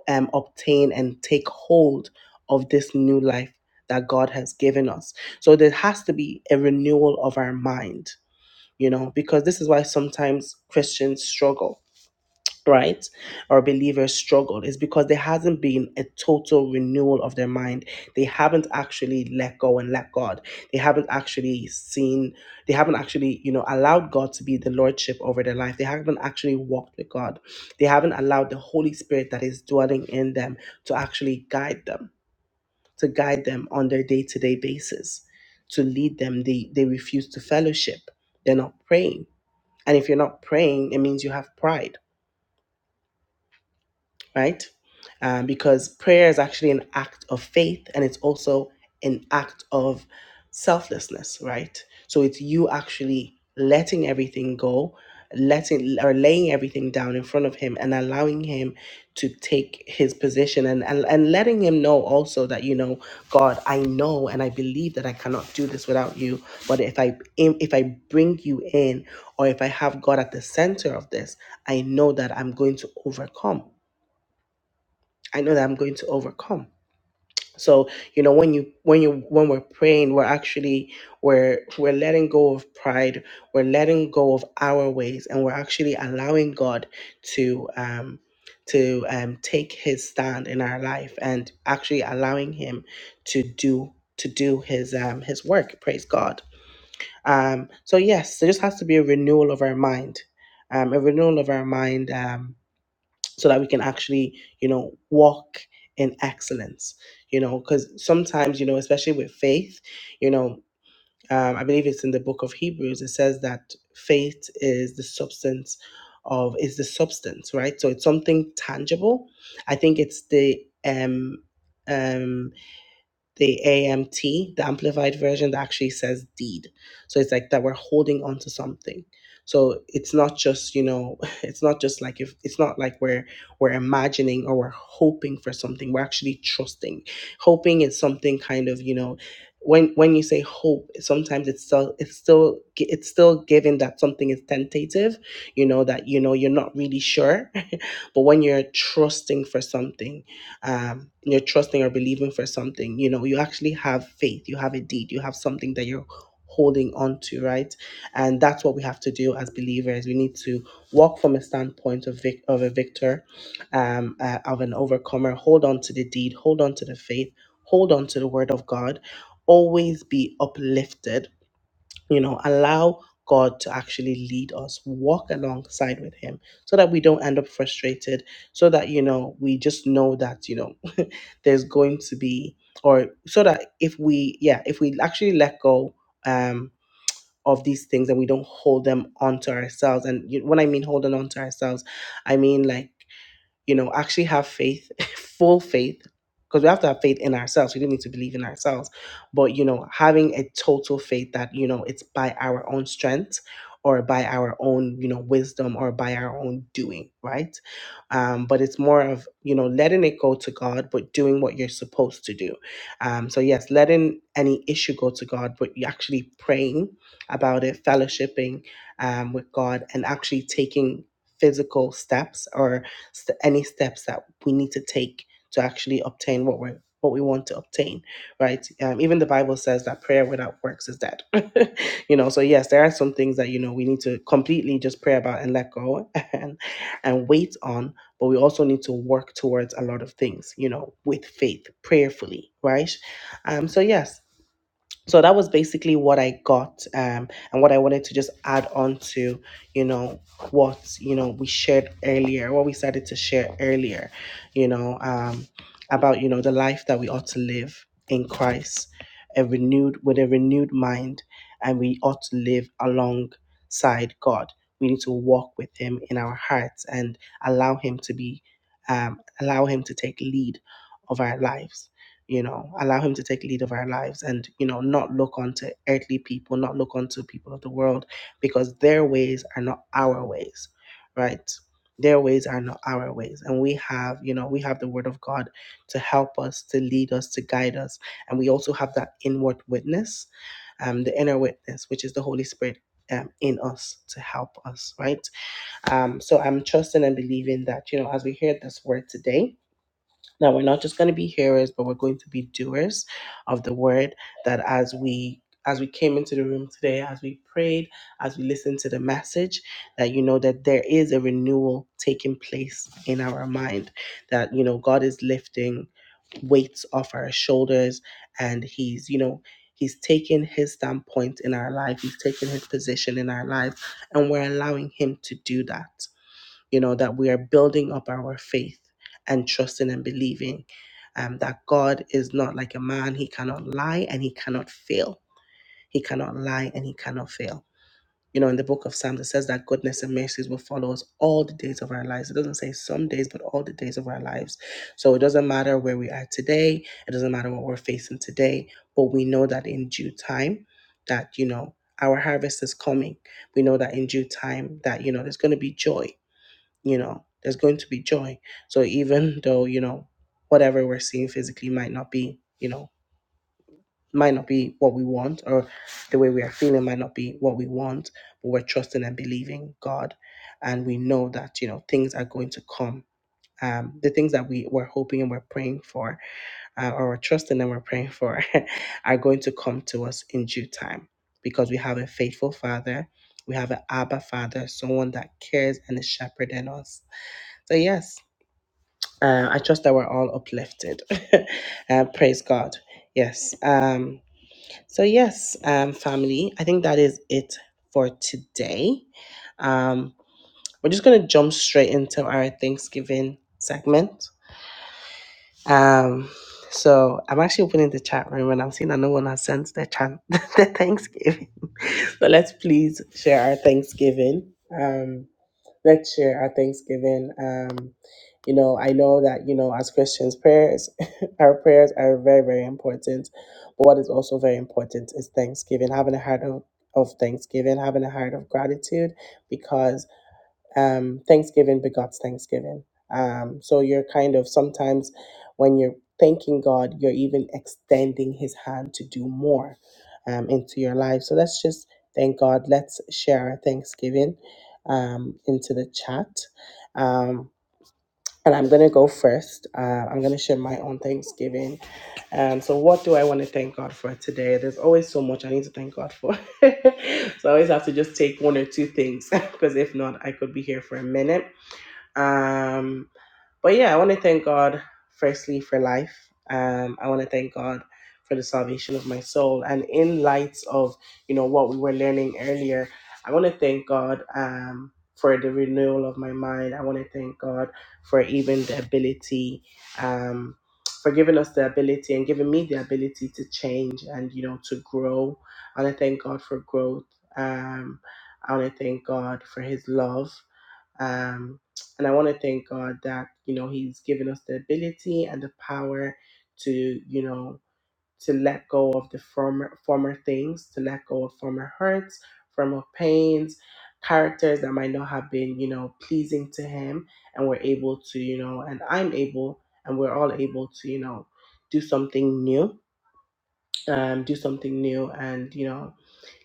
S1: um, obtain and take hold of this new life that God has given us. So there has to be a renewal of our mind, you know, because this is why sometimes Christians struggle right or believers struggle is because there hasn't been a total renewal of their mind they haven't actually let go and let god they haven't actually seen they haven't actually you know allowed god to be the lordship over their life they haven't actually walked with god they haven't allowed the holy spirit that is dwelling in them to actually guide them to guide them on their day-to-day basis to lead them they they refuse to fellowship they're not praying and if you're not praying it means you have pride right? Um, because prayer is actually an act of faith and it's also an act of selflessness, right? So it's you actually letting everything go, letting or laying everything down in front of Him and allowing Him to take His position and, and, and letting Him know also that, you know, God, I know and I believe that I cannot do this without you. But if I if I bring you in or if I have God at the center of this, I know that I'm going to overcome I know that I'm going to overcome. So, you know, when you when you when we're praying, we're actually we're we're letting go of pride, we're letting go of our ways, and we're actually allowing God to um to um take his stand in our life and actually allowing him to do to do his um his work. Praise God. Um so yes, there just has to be a renewal of our mind. Um a renewal of our mind. Um so that we can actually you know walk in excellence you know because sometimes you know especially with faith you know um, i believe it's in the book of hebrews it says that faith is the substance of is the substance right so it's something tangible i think it's the um um the AMT, the amplified version that actually says deed. So it's like that we're holding on to something. So it's not just, you know, <laughs> it's not just like if it's not like we're we're imagining or we're hoping for something. We're actually trusting. Hoping is something kind of, you know, when when you say hope, sometimes it's still it's still gi- it's still given that something is tentative, you know, that you know you're not really sure. <laughs> but when you're trusting for something, um, you're trusting or believing for something. You know, you actually have faith, you have a deed, you have something that you're holding on to, right? And that's what we have to do as believers. We need to walk from a standpoint of vic- of a victor, um, uh, of an overcomer. Hold on to the deed, hold on to the faith, hold on to the word of God. Always be uplifted you know allow god to actually lead us walk alongside with him so that we don't end up frustrated so that you know we just know that you know <laughs> there's going to be or so that if we yeah if we actually let go um of these things and we don't hold them onto ourselves and you, when i mean holding on to ourselves i mean like you know, actually have faith, <laughs> full faith, because we have to have faith in ourselves. We don't need to believe in ourselves, but you know, having a total faith that you know it's by our own strength or by our own you know wisdom or by our own doing, right? Um, but it's more of you know letting it go to God, but doing what you're supposed to do. Um, so yes, letting any issue go to God, but you actually praying about it, fellowshipping um, with God, and actually taking physical steps or st- any steps that we need to take to actually obtain what we are what we want to obtain, right? Um, even the Bible says that prayer without works is dead. <laughs> you know, so yes, there are some things that you know we need to completely just pray about and let go <laughs> and and wait on, but we also need to work towards a lot of things, you know, with faith, prayerfully, right? Um, so yes, so that was basically what I got um, and what I wanted to just add on to, you know, what, you know, we shared earlier, what we started to share earlier, you know, um, about, you know, the life that we ought to live in Christ, a renewed, with a renewed mind, and we ought to live alongside God. We need to walk with him in our hearts and allow him to be, um, allow him to take lead of our lives you know, allow him to take lead of our lives and, you know, not look onto earthly people, not look onto people of the world, because their ways are not our ways, right? Their ways are not our ways. And we have, you know, we have the word of God to help us, to lead us, to guide us. And we also have that inward witness, um, the inner witness, which is the Holy Spirit. Um, in us to help us, right? Um, so I'm trusting and believing that, you know, as we hear this word today, now, we're not just going to be hearers, but we're going to be doers of the word that as we as we came into the room today, as we prayed, as we listened to the message, that you know that there is a renewal taking place in our mind, that you know God is lifting weights off our shoulders and he's you know he's taking his standpoint in our life he's taking his position in our life and we're allowing him to do that you know, that we are building up our faith and trusting and believing um, that God is not like a man. He cannot lie and he cannot fail. He cannot lie and he cannot fail. You know, in the book of Psalms, it says that goodness and mercies will follow us all the days of our lives. It doesn't say some days, but all the days of our lives. So it doesn't matter where we are today. It doesn't matter what we're facing today. But we know that in due time, that, you know, our harvest is coming. We know that in due time, that, you know, there's going to be joy you know there's going to be joy so even though you know whatever we're seeing physically might not be you know might not be what we want or the way we are feeling might not be what we want but we're trusting and believing god and we know that you know things are going to come um, the things that we were hoping and we're praying for uh, or we're trusting and we're praying for <laughs> are going to come to us in due time because we have a faithful father we have an abba father someone that cares and is shepherding us so yes uh, I trust that we're all uplifted. <laughs> uh, praise God. Yes. Um, so, yes, um, family, I think that is it for today. Um, we're just going to jump straight into our Thanksgiving segment. Um, so, I'm actually opening the chat room and I'm seeing that no one has sent their, chat, <laughs> their Thanksgiving. <laughs> but let's please share our Thanksgiving. Um. Next year, share our thanksgiving. Um, you know, I know that you know as Christians, prayers, <laughs> our prayers are very very important. But what is also very important is thanksgiving, having a heart of of thanksgiving, having a heart of gratitude, because um, Thanksgiving begots Thanksgiving. Um, so you're kind of sometimes when you're thanking God, you're even extending His hand to do more um, into your life. So let's just thank God. Let's share our Thanksgiving um, into the chat. Um, and I'm going to go first. Uh, I'm going to share my own Thanksgiving. Um, so, what do I want to thank God for today? There's always so much I need to thank God for. <laughs> so, I always have to just take one or two things <laughs> because if not, I could be here for a minute. Um, but yeah, I want to thank God firstly for life. Um, I want to thank God for the salvation of my soul. And in light of you know what we were learning earlier, I want to thank God um, for the renewal of my mind. I want to thank God for even the ability, um, for giving us the ability and giving me the ability to change and you know to grow. I want to thank God for growth. Um, I want to thank God for His love. Um, and I want to thank God that, you know, He's given us the ability and the power to, you know, to let go of the former former things, to let go of former hurts, former pains, characters that might not have been, you know, pleasing to him. And we're able to, you know, and I'm able and we're all able to, you know, do something new um, do something new and you know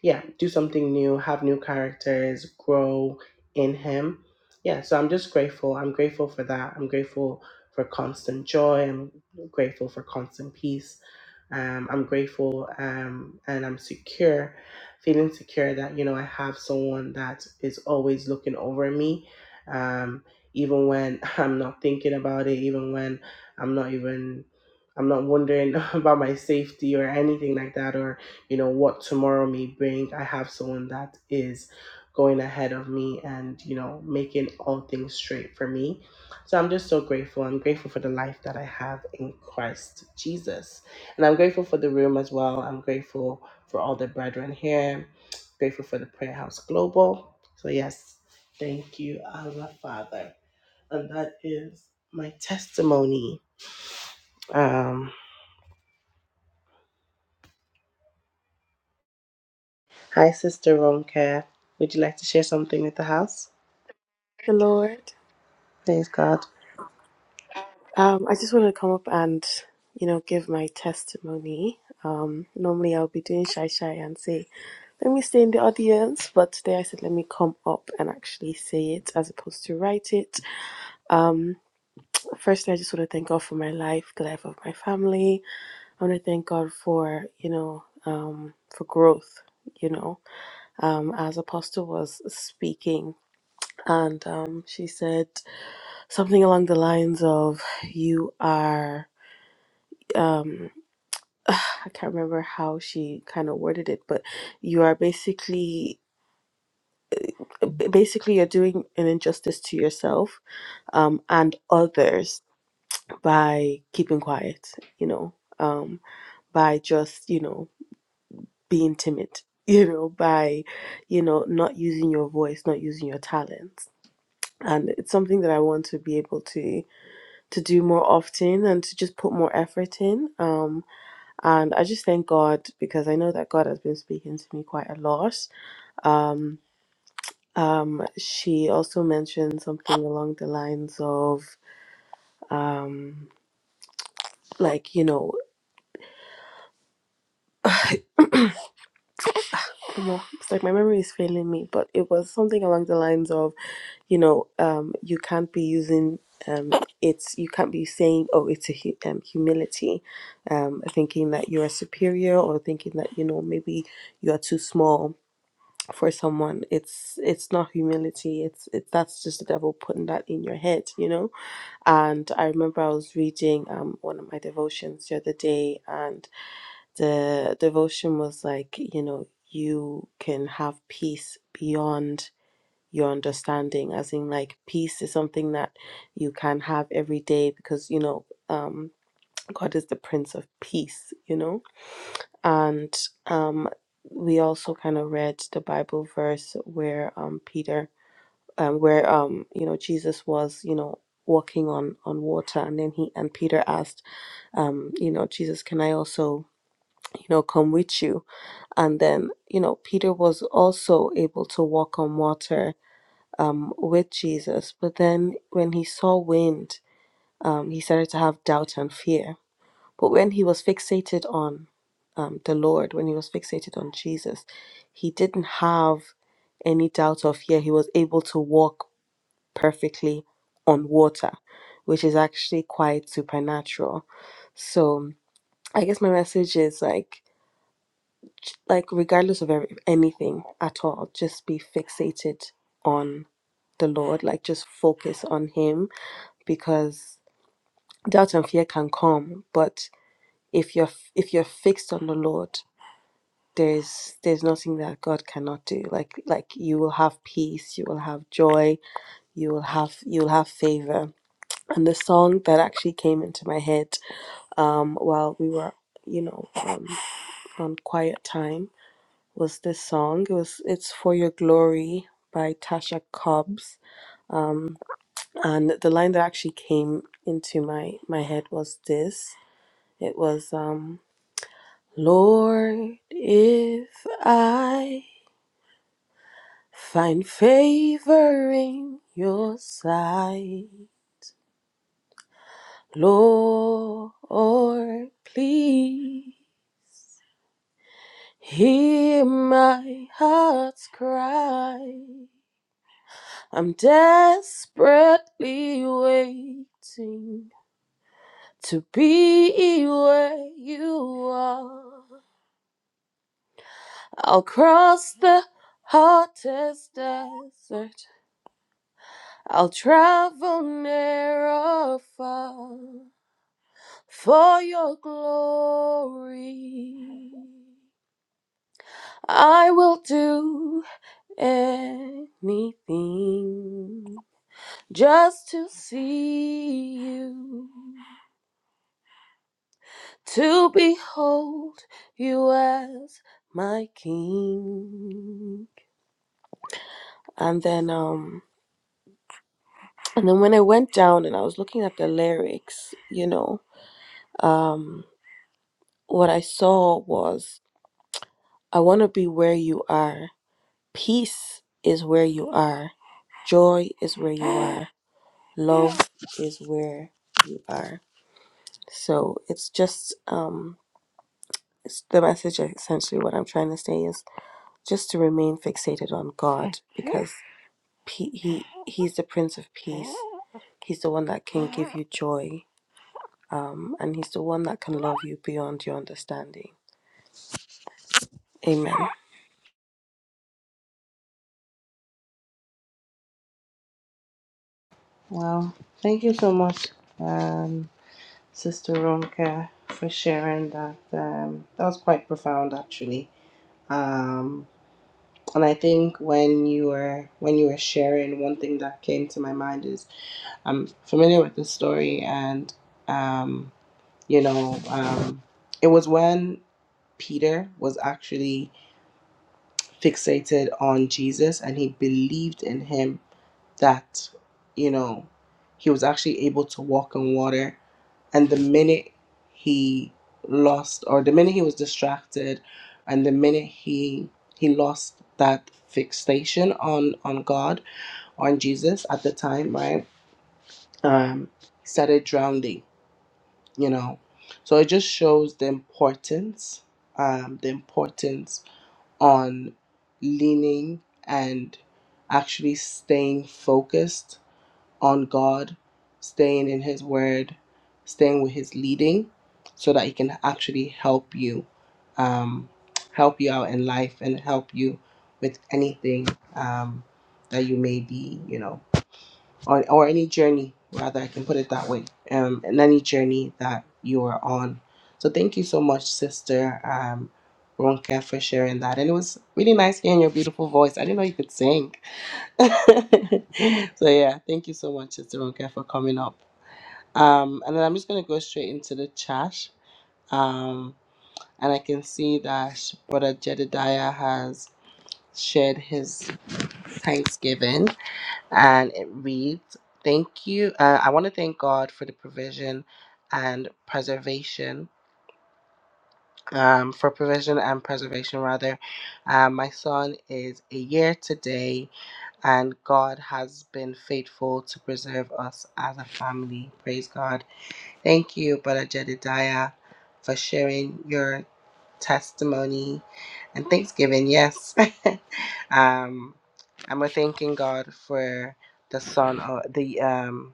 S1: yeah do something new have new characters grow in him yeah so i'm just grateful i'm grateful for that i'm grateful for constant joy i'm grateful for constant peace um, I'm grateful um, and I'm secure, feeling secure that, you know, I have someone that is always looking over me, um, even when <laughs> I'm not thinking about it, even when I'm not even. I'm not wondering <laughs> about my safety or anything like that, or you know what tomorrow may bring. I have someone that is going ahead of me and you know making all things straight for me. So I'm just so grateful. I'm grateful for the life that I have in Christ Jesus. And I'm grateful for the room as well. I'm grateful for all the brethren here. Grateful for the Prayer House Global. So, yes, thank you, Abba Father. And that is my testimony. Um, hi, Sister Ronke. Would you like to share something with the house?
S3: the Lord.
S1: Praise God.
S3: Um, I just want to come up and, you know, give my testimony. Um, normally I'll be doing shy shy and say, let me stay in the audience, but today I said, let me come up and actually say it as opposed to write it. Um, firstly, I just want to thank God for my life, the life of my family. I want to thank God for, you know, um, for growth. You know, um, as Apostle was speaking, and um, she said something along the lines of, You are um <sighs> I can't remember how she kind of worded it, but you are basically basically you're doing an injustice to yourself um and others by keeping quiet, you know, um by just, you know, being timid, <laughs> you know, by you know, not using your voice, not using your talents. And it's something that I want to be able to to do more often and to just put more effort in. Um And I just thank God because I know that God has been speaking to me quite a lot. Um, um, she also mentioned something along the lines of, um, like, you know, well, it's like my memory is failing me, but it was something along the lines of, you know, um, you can't be using. Um, it's you can't be saying oh it's a hu- um, humility um thinking that you are superior or thinking that you know maybe you are too small for someone it's it's not humility it's it's that's just the devil putting that in your head you know and i remember i was reading um one of my devotions the other day and the devotion was like you know you can have peace beyond your understanding as in like peace is something that you can have every day because you know um. God is the Prince of Peace, you know? And um, we also kind of read the Bible verse where um, Peter, um, where, um, you know, Jesus was, you know, walking on on water and then he and peter asked um you know jesus can i also you know come with you and then you know peter was also able to walk on water um with jesus but then when he saw wind um he started to have doubt and fear but when he was fixated on um, the Lord, when he was fixated on Jesus, he didn't have any doubt of fear. He was able to walk perfectly on water, which is actually quite supernatural. So I guess my message is like, like regardless of every, anything at all, just be fixated on the Lord. Like just focus on Him because doubt and fear can come, but if you're if you're fixed on the Lord there's there's nothing that God cannot do. Like like you will have peace, you will have joy, you will have you'll have favor. And the song that actually came into my head um, while we were you know um, on quiet time was this song. It was it's for your glory by Tasha Cobbs. Um, and the line that actually came into my my head was this. It was um, Lord, if I Find favor in your sight, Lord. Please hear my heart's cry. I'm desperately waiting to be where you are. I'll cross the hottest desert. I'll travel near or far. For your glory, I will do anything just to see you, to behold you as my king. And then, um, and then when I went down and I was looking at the lyrics, you know, um, what I saw was, I want to be where you are. Peace is where you are. Joy is where you are. Love is where you are. So it's just um it's the message essentially what I'm trying to say is just to remain fixated on God because pe- he he's the prince of peace. He's the one that can give you joy. Um and he's the one that can love you beyond your understanding. Amen.
S1: Well, thank you so much, um, Sister Ronke, for sharing that. Um, that was quite profound, actually. Um, And I think when you were when you were sharing, one thing that came to my mind is I'm familiar with the story, and um, you know, um, it was when Peter was actually fixated on Jesus, and he believed in him that you know he was actually able to walk on water. And the minute he lost, or the minute he was distracted, and the minute he he lost that fixation on on God on Jesus at the time, right? Um, started drowning, you know. So it just shows the importance, um, the importance on leaning and actually staying focused on God, staying in His Word, staying with His leading, so that He can actually help you, um, help you out in life and help you with anything um, that you may be, you know on or any journey rather i can put it that way um and any journey that you are on so thank you so much sister um Ronka for sharing that and it was really nice hearing your beautiful voice i didn't know you could sing <laughs> so yeah thank you so much sister Ronka for coming up um and then i'm just going to go straight into the chat um and i can see that brother jedediah has shared his thanksgiving and it reads thank you uh, i want to thank god for the provision and preservation um, for provision and preservation rather um, my son is a year today and god has been faithful to preserve us as a family praise god thank you brother jedediah for sharing your testimony and thanksgiving yes <laughs> um, and we're thanking god for the son or the um,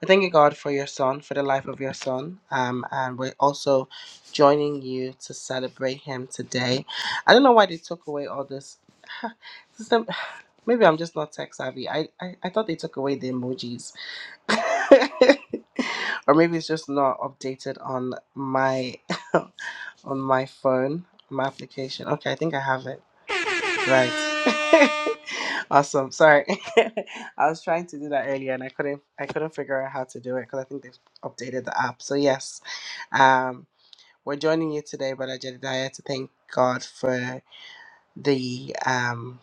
S1: we're thanking God for your son, for the life of your son. Um, and we're also joining you to celebrate him today. I don't know why they took away all this. <laughs> System. <sighs> Maybe I'm just not tech savvy. I, I, I thought they took away the emojis. <laughs> or maybe it's just not updated on my <laughs> on my phone, my application. Okay, I think I have it. Right. <laughs> awesome. Sorry. <laughs> I was trying to do that earlier and I couldn't I couldn't figure out how to do it because I think they've updated the app. So yes. Um we're joining you today, Brother Jedediah, to thank God for the um,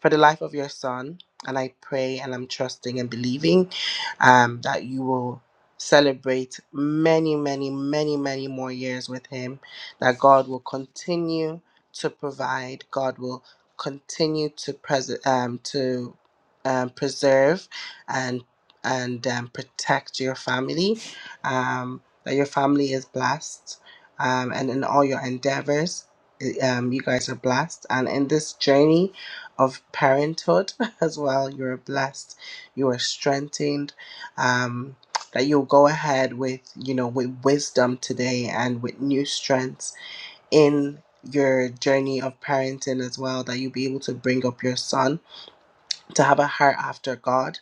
S1: for the life of your son and i pray and i'm trusting and believing um, that you will celebrate many many many many more years with him that god will continue to provide god will continue to pres- um, to um, preserve and and um, protect your family um, that your family is blessed um, and in all your endeavors um, you guys are blessed. And in this journey of parenthood <laughs> as well, you're blessed. You are strengthened. Um, that you'll go ahead with, you know, with wisdom today and with new strengths in your journey of parenting as well. That you'll be able to bring up your son to have a heart after God.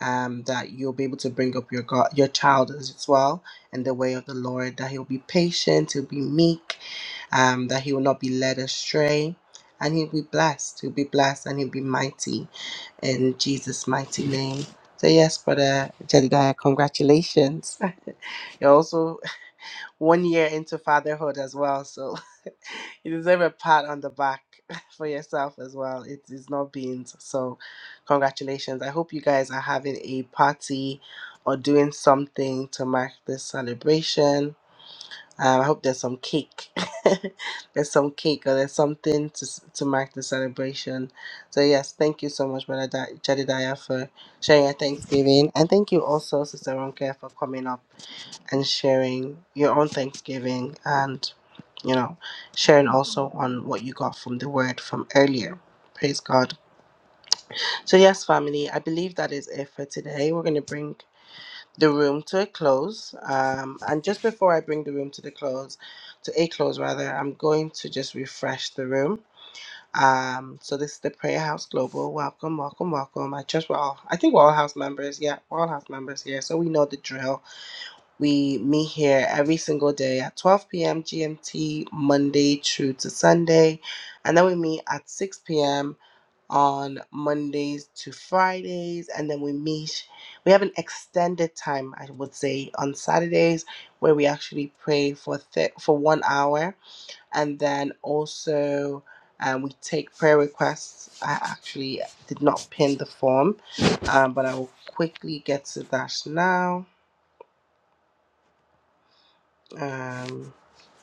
S1: Um, that you'll be able to bring up your God, your child as well in the way of the Lord. That he'll be patient. He'll be meek um, that he will not be led astray, and he'll be blessed. He'll be blessed and he'll be mighty in Jesus' mighty name. So, yes, Brother Jedediah, congratulations. <laughs> You're also one year into fatherhood as well, so <laughs> you deserve a pat on the back <laughs> for yourself as well. It is not beans, so congratulations. I hope you guys are having a party or doing something to mark this celebration um, I hope there's some cake. <laughs> there's some cake or there's something to, s- to mark the celebration. So, yes, thank you so much, Brother Di- Jedidiah, for sharing your Thanksgiving. And thank you also, Sister Ronke, for coming up and sharing your own Thanksgiving and, you know, sharing also on what you got from the word from earlier. Praise God. So, yes, family, I believe that is it for today. We're going to bring the room to a close. Um, and just before I bring the room to the close, to a close rather, I'm going to just refresh the room. Um, so this is the Prayer House Global. Welcome, welcome, welcome. I trust we're all, I think we're all house members. Yeah, we're all house members here. So we know the drill. We meet here every single day at 12 p.m. GMT, Monday through to Sunday. And then we meet at 6 p.m on Mondays to Fridays, and then we meet. We have an extended time, I would say, on Saturdays where we actually pray for th- for one hour, and then also um, we take prayer requests. I actually did not pin the form, um, but I will quickly get to that now. Um,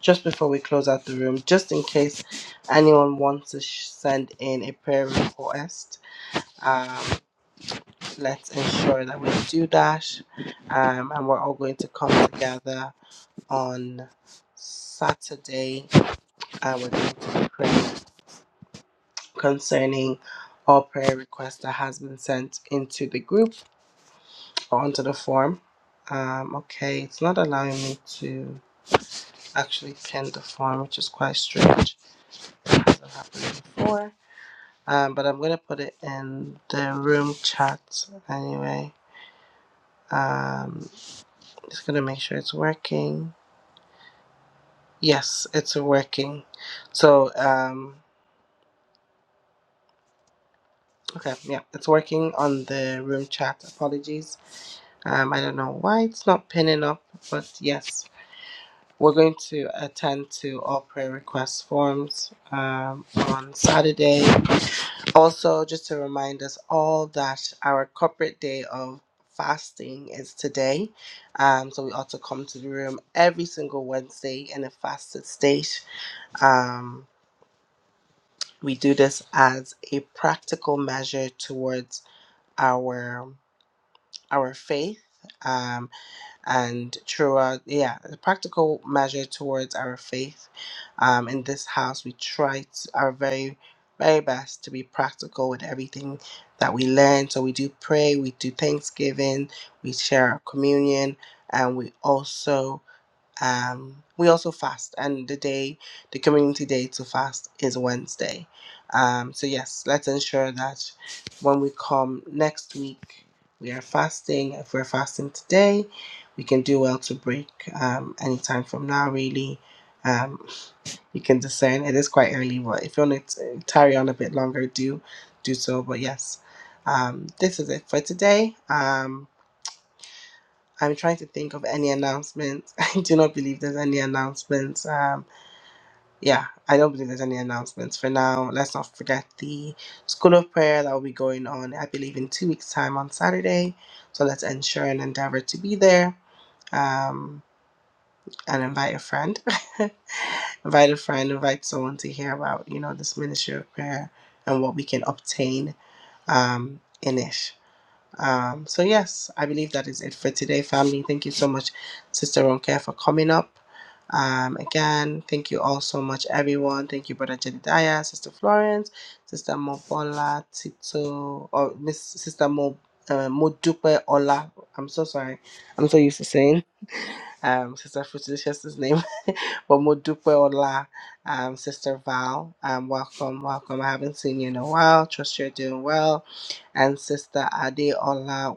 S1: just before we close out the room, just in case anyone wants to sh- send in a prayer request. Um, Let's ensure that we do that. Um, and we're all going to come together on Saturday and we're going to be praying concerning all prayer requests that has been sent into the group or onto the form. Um, okay, it's not allowing me to actually pin the form, which is quite strange. It hasn't happened before. Um, but I'm gonna put it in the room chat anyway. Um, just gonna make sure it's working. Yes, it's working. So, um, okay, yeah, it's working on the room chat. Apologies. Um, I don't know why it's not pinning up, but yes, we're going to attend to all prayer request forms um, on Saturday. Also, just to remind us all that our corporate day of fasting is today. Um, so we ought to come to the room every single Wednesday in a fasted state. Um, We do this as a practical measure towards our our faith, um, and throughout yeah, a practical measure towards our faith. Um, in this house, we try to, our very very best to be practical with everything that we learn. So we do pray, we do Thanksgiving, we share our communion, and we also um, we also fast, and the day, the community day to fast is Wednesday. Um, so, yes, let's ensure that when we come next week, we are fasting. If we're fasting today, we can do well to break um, anytime from now, really. Um, you can discern it is quite early, but if you want to uh, tarry on a bit longer, do do so. But yes, um, this is it for today. Um, I'm trying to think of any announcements. <laughs> I do not believe there's any announcements. Um, yeah, I don't believe there's any announcements for now. Let's not forget the school of prayer that will be going on, I believe, in two weeks' time on Saturday. So let's ensure and endeavor to be there um, and invite a friend. <laughs> invite a friend, invite someone to hear about, you know, this ministry of prayer and what we can obtain um, in it. Um, so, yes, I believe that is it for today, family. Thank you so much, Sister Ronke, for coming up. Um, again, thank you all so much, everyone. Thank you, Brother Jedediah, Sister Florence, Sister Mobola, Tito, or Miss Sister Mo, uh, Modupe Ola. I'm so sorry. I'm so used to saying um, Sister Futilicious' name, <laughs> but Modupe Ola, um, Sister Val. Um, welcome, welcome. I haven't seen you in a while. Trust you're doing well and Sister Adeola,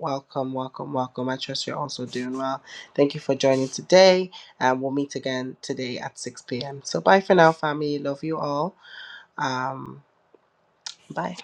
S1: Welcome, welcome, welcome. I trust you're also doing well. Thank you for joining today, and we'll meet again today at 6 p.m. So, bye for now, family. Love you all. Um, bye.